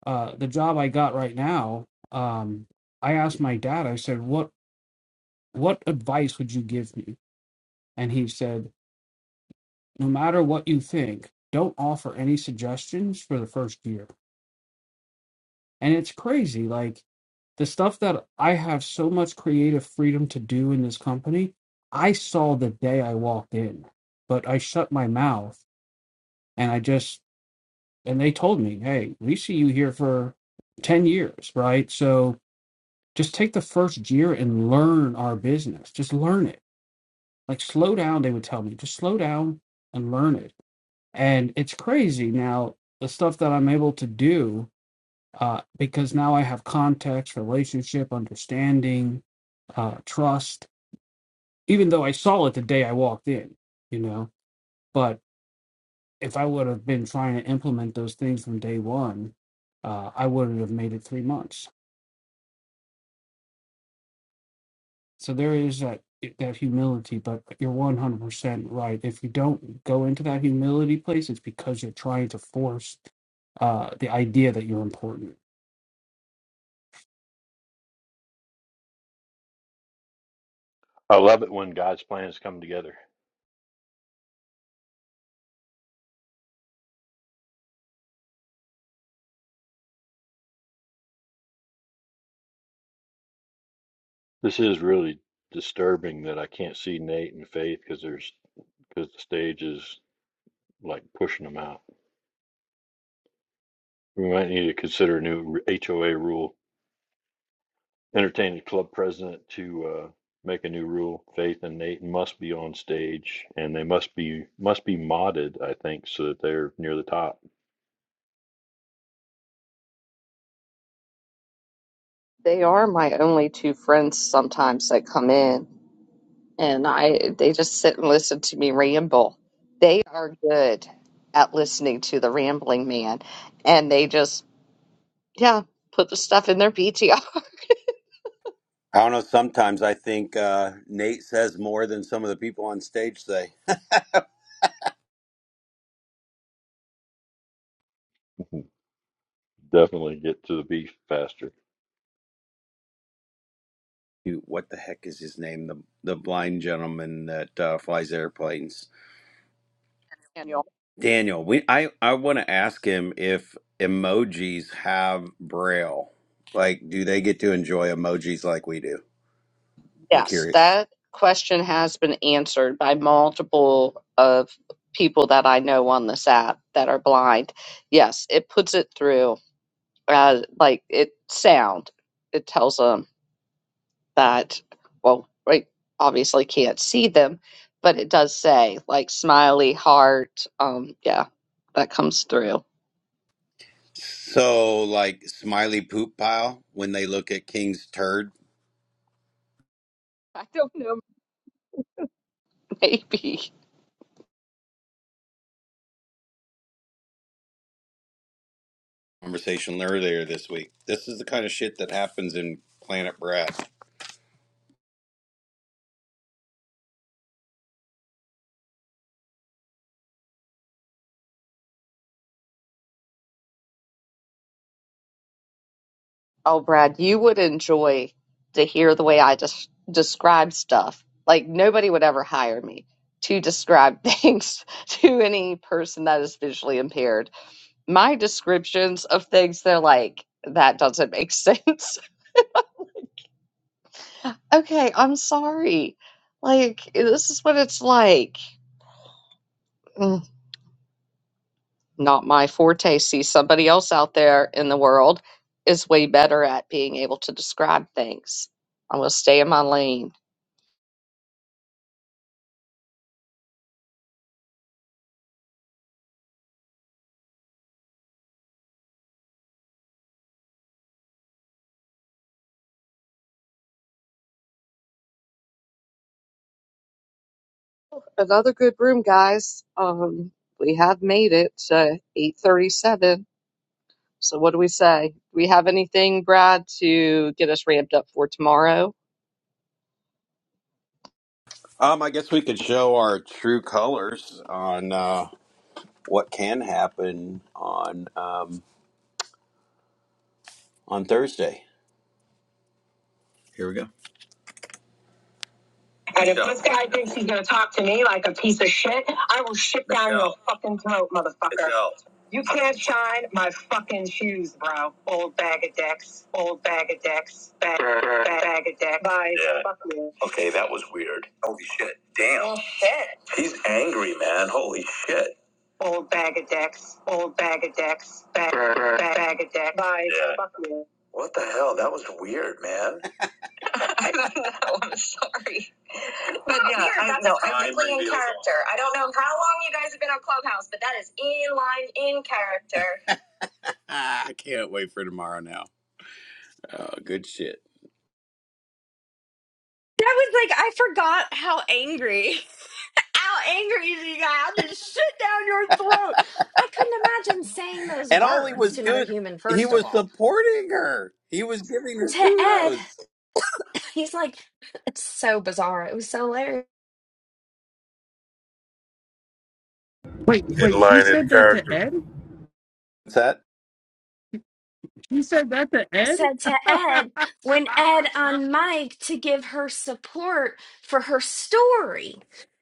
Speaker 11: Uh, the job I got right now, um, I asked my dad. I said, "What what advice would you give me?" And he said, "No matter what you think, don't offer any suggestions for the first year." And it's crazy. Like the stuff that I have so much creative freedom to do in this company, I saw the day I walked in, but I shut my mouth and I just, and they told me, hey, we see you here for 10 years, right? So just take the first year and learn our business. Just learn it. Like slow down, they would tell me, just slow down and learn it. And it's crazy now, the stuff that I'm able to do uh, because now I have context, relationship, understanding, uh, trust. Even though I saw it the day I walked in, you know, but if I would have been trying to implement those things from day one, uh, I wouldn't have made it three months. So there is that that humility, but you're 100% right. If you don't go into that humility place, it's because you're trying to force uh, the idea that you're important.
Speaker 5: I love it when God's plans come together. This is really disturbing that I can't see Nate and Faith because there's because the stage is like pushing them out. We might need to consider a new r- HOA rule. Entertain the club president to uh, make a new rule. Faith and Nate must be on stage, and they must be must be modded. I think so that they're near the top.
Speaker 1: They are my only two friends sometimes that come in and I they just sit and listen to me ramble. They are good at listening to the rambling man, and they just yeah put the stuff in their PTR
Speaker 2: I don't know. Sometimes I think uh, Nate says more than some of the people on stage say.
Speaker 5: Definitely get to the beef faster.
Speaker 2: Dude, What the heck is his name? The the blind gentleman that uh, flies airplanes.
Speaker 1: manual.
Speaker 2: Daniel, we I I want to ask him if emojis have braille. Like, do they get to enjoy emojis like we do? I'm
Speaker 1: Yes,
Speaker 2: curious.
Speaker 1: that question has been answered by multiple of people that I know on this app that are blind. Yes, it puts it through uh, like it sound. It tells them. that, well, we obviously can't see them, but it does say like smiley heart. Um, yeah, that comes through.
Speaker 2: So, like smiley poop pile when they look at King's turd
Speaker 1: I don't know, maybe.
Speaker 2: conversation earlier this week. This is the kind of shit that happens in Planet Brad.
Speaker 1: Oh, Brad, you would enjoy to hear the way I just describe stuff. Like nobody would ever hire me to describe things to any person that is visually impaired. My descriptions of things, they're like, that doesn't make sense. Okay, I'm sorry. Like, eh, this is what it's like. Mm, Not my forte. See, somebody else out there in the world is way better at being able to describe things. I'm going to stay in my lane. Another good room, guys. Um, we have made it to 8:37. So what do we say? We haven't had get us ramped up for tomorrow.
Speaker 2: Um, I guess we could show our true colors on uh, what can happen on um, on Thursday. Here we go. And if Yeah. this guy thinks he's gonna talk to me like a piece of shit, I will shit down your fucking throat, motherfucker. You can't shine my fucking shoes, bro. Old bag of dicks. Old bag of dicks. Bag, bag, bag of dicks. Bye. Yeah. Fuck you. Okay, that was weird. Holy shit. Damn. Oh, shit. He's angry, man. Holy shit. Old bag of dicks. Old bag of dicks. Bag, bag, bag of dicks. Bye. Yeah. Fuck you. What the hell? That was weird, man. I don't know. I'm sorry. But yeah, weird. That's I, no, I- perfectly in character. I don't know how long you guys have been on Clubhouse, but that is in line, in character. I can't wait for tomorrow now. Oh, good shit.
Speaker 7: That was like, I forgot how angry, how angry she got. How to shit down your throat. I couldn't imagine saying those
Speaker 2: And all he
Speaker 7: words
Speaker 2: was
Speaker 7: to another
Speaker 2: doing,
Speaker 7: human,
Speaker 2: he
Speaker 7: first of
Speaker 2: was
Speaker 7: all.
Speaker 2: supporting her. He was giving her
Speaker 7: To Ed,
Speaker 2: kudos.
Speaker 7: he's like, it's so bizarre. It was so hilarious.
Speaker 11: Wait,
Speaker 4: In
Speaker 11: wait, she
Speaker 4: line in
Speaker 11: said that to
Speaker 4: character.
Speaker 11: Ed?
Speaker 2: What's that?
Speaker 11: She said that to Ed?
Speaker 7: said to Ed when Ed on Mike to give her support for her story.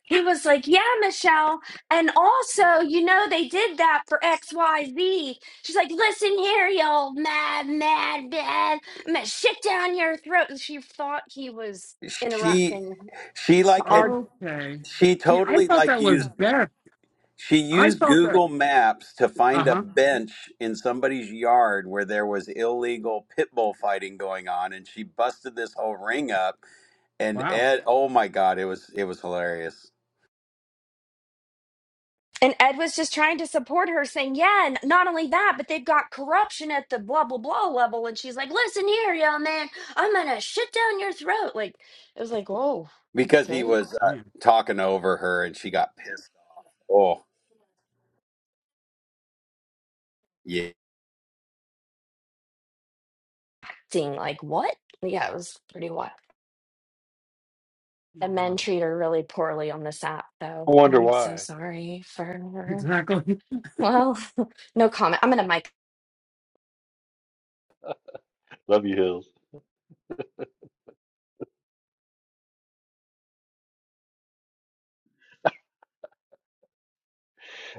Speaker 7: He was like, Yeah, Michelle. And also, you know, they did that for XYZ. She's like, Listen here, you old mad, mad, mad. I'm going to shit down your throat. And she thought he was
Speaker 2: She,
Speaker 7: interrupting
Speaker 2: she like
Speaker 7: her
Speaker 2: had,
Speaker 11: Okay.
Speaker 2: she
Speaker 11: See, I
Speaker 2: totally
Speaker 11: thought
Speaker 2: like
Speaker 11: that was
Speaker 2: used,
Speaker 11: Beth.
Speaker 2: she
Speaker 11: I
Speaker 2: used
Speaker 11: thought that.
Speaker 2: Google Maps to
Speaker 11: Uh
Speaker 2: find a
Speaker 11: huh.
Speaker 2: bench in somebody's yard where there was illegal pit bull fighting going on. And she busted this whole ring up and
Speaker 11: Wow.
Speaker 2: Ed, oh my God, it was it was hilarious
Speaker 7: And Ed was just trying to support her, saying, Yeah, and not only that, but they've got corruption at the blah, blah, blah level. And she's like, Listen here, young man, I'm going to shit down your throat. Like, it was like, Whoa,
Speaker 2: because he
Speaker 7: okay.
Speaker 2: was uh,
Speaker 11: Man.
Speaker 2: talking over her and she got pissed. Oh yeah.
Speaker 7: Seeing, like, what? Yeah, it was pretty wild. The men treat her really poorly on this app,
Speaker 5: I
Speaker 7: though.
Speaker 5: wonder
Speaker 7: I'm so
Speaker 5: why.
Speaker 7: sorry for her.
Speaker 11: Exactly.
Speaker 7: Well, no comment. I'm going to mic.
Speaker 5: Love you, Hills.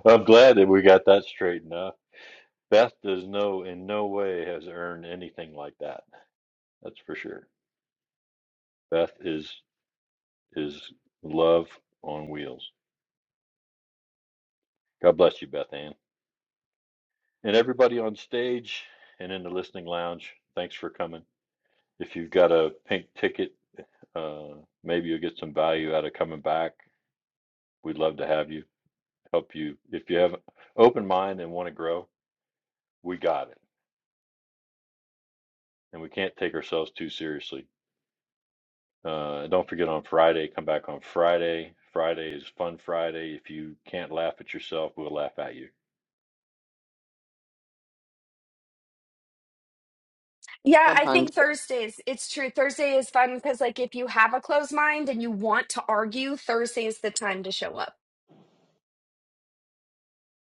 Speaker 5: I'm glad that we got that straightened up. Beth does no in no way has earned anything like that. That's for sure. Beth is is love on wheels. God bless you, Beth Ann. And everybody on stage and in the listening lounge, thanks for coming. If you've got a pink ticket, uh, maybe you'll get some value out of coming back. We'd love to have you, help you. If you have an open mind and want to grow, we got it. And we can't take ourselves too seriously. Uh, don't forget on Friday, come back on Friday. Friday is Fun Friday. If you can't laugh at yourself, we'll laugh at you
Speaker 7: Yeah, I
Speaker 1: 100.
Speaker 7: think Thursdays, it's true. Thursday is fun because, like, if you have a closed mind and you want to argue, Thursday is the time to show up.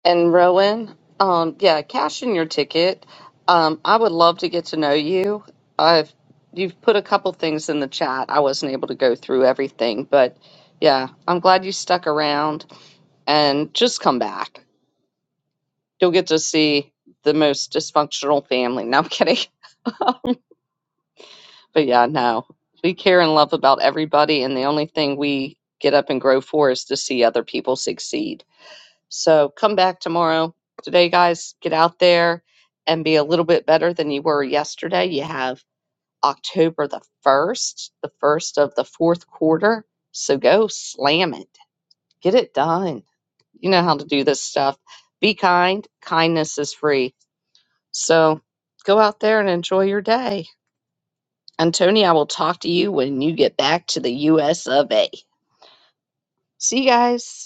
Speaker 1: And Rowan, um, yeah, cash in your ticket. Um, I would love to get to know you. I've you've put a couple things in the chat. I wasn't able to go through everything, but yeah, I'm glad you stuck around and just come back. You'll get to see the most dysfunctional family. Now I'm kidding. But yeah, no, we care and love about everybody, and the only thing we get up and grow for is to see other people succeed. So come back tomorrow. Today, guys, get out there and be a little bit better than you were yesterday. You have October the 1st, the first of the fourth quarter. So go slam it, get it done. You know how to do this stuff. Be kind. Kindness is free. So go out there and enjoy your day. And Tony, I will talk to you when you get back to the US of A. See you guys.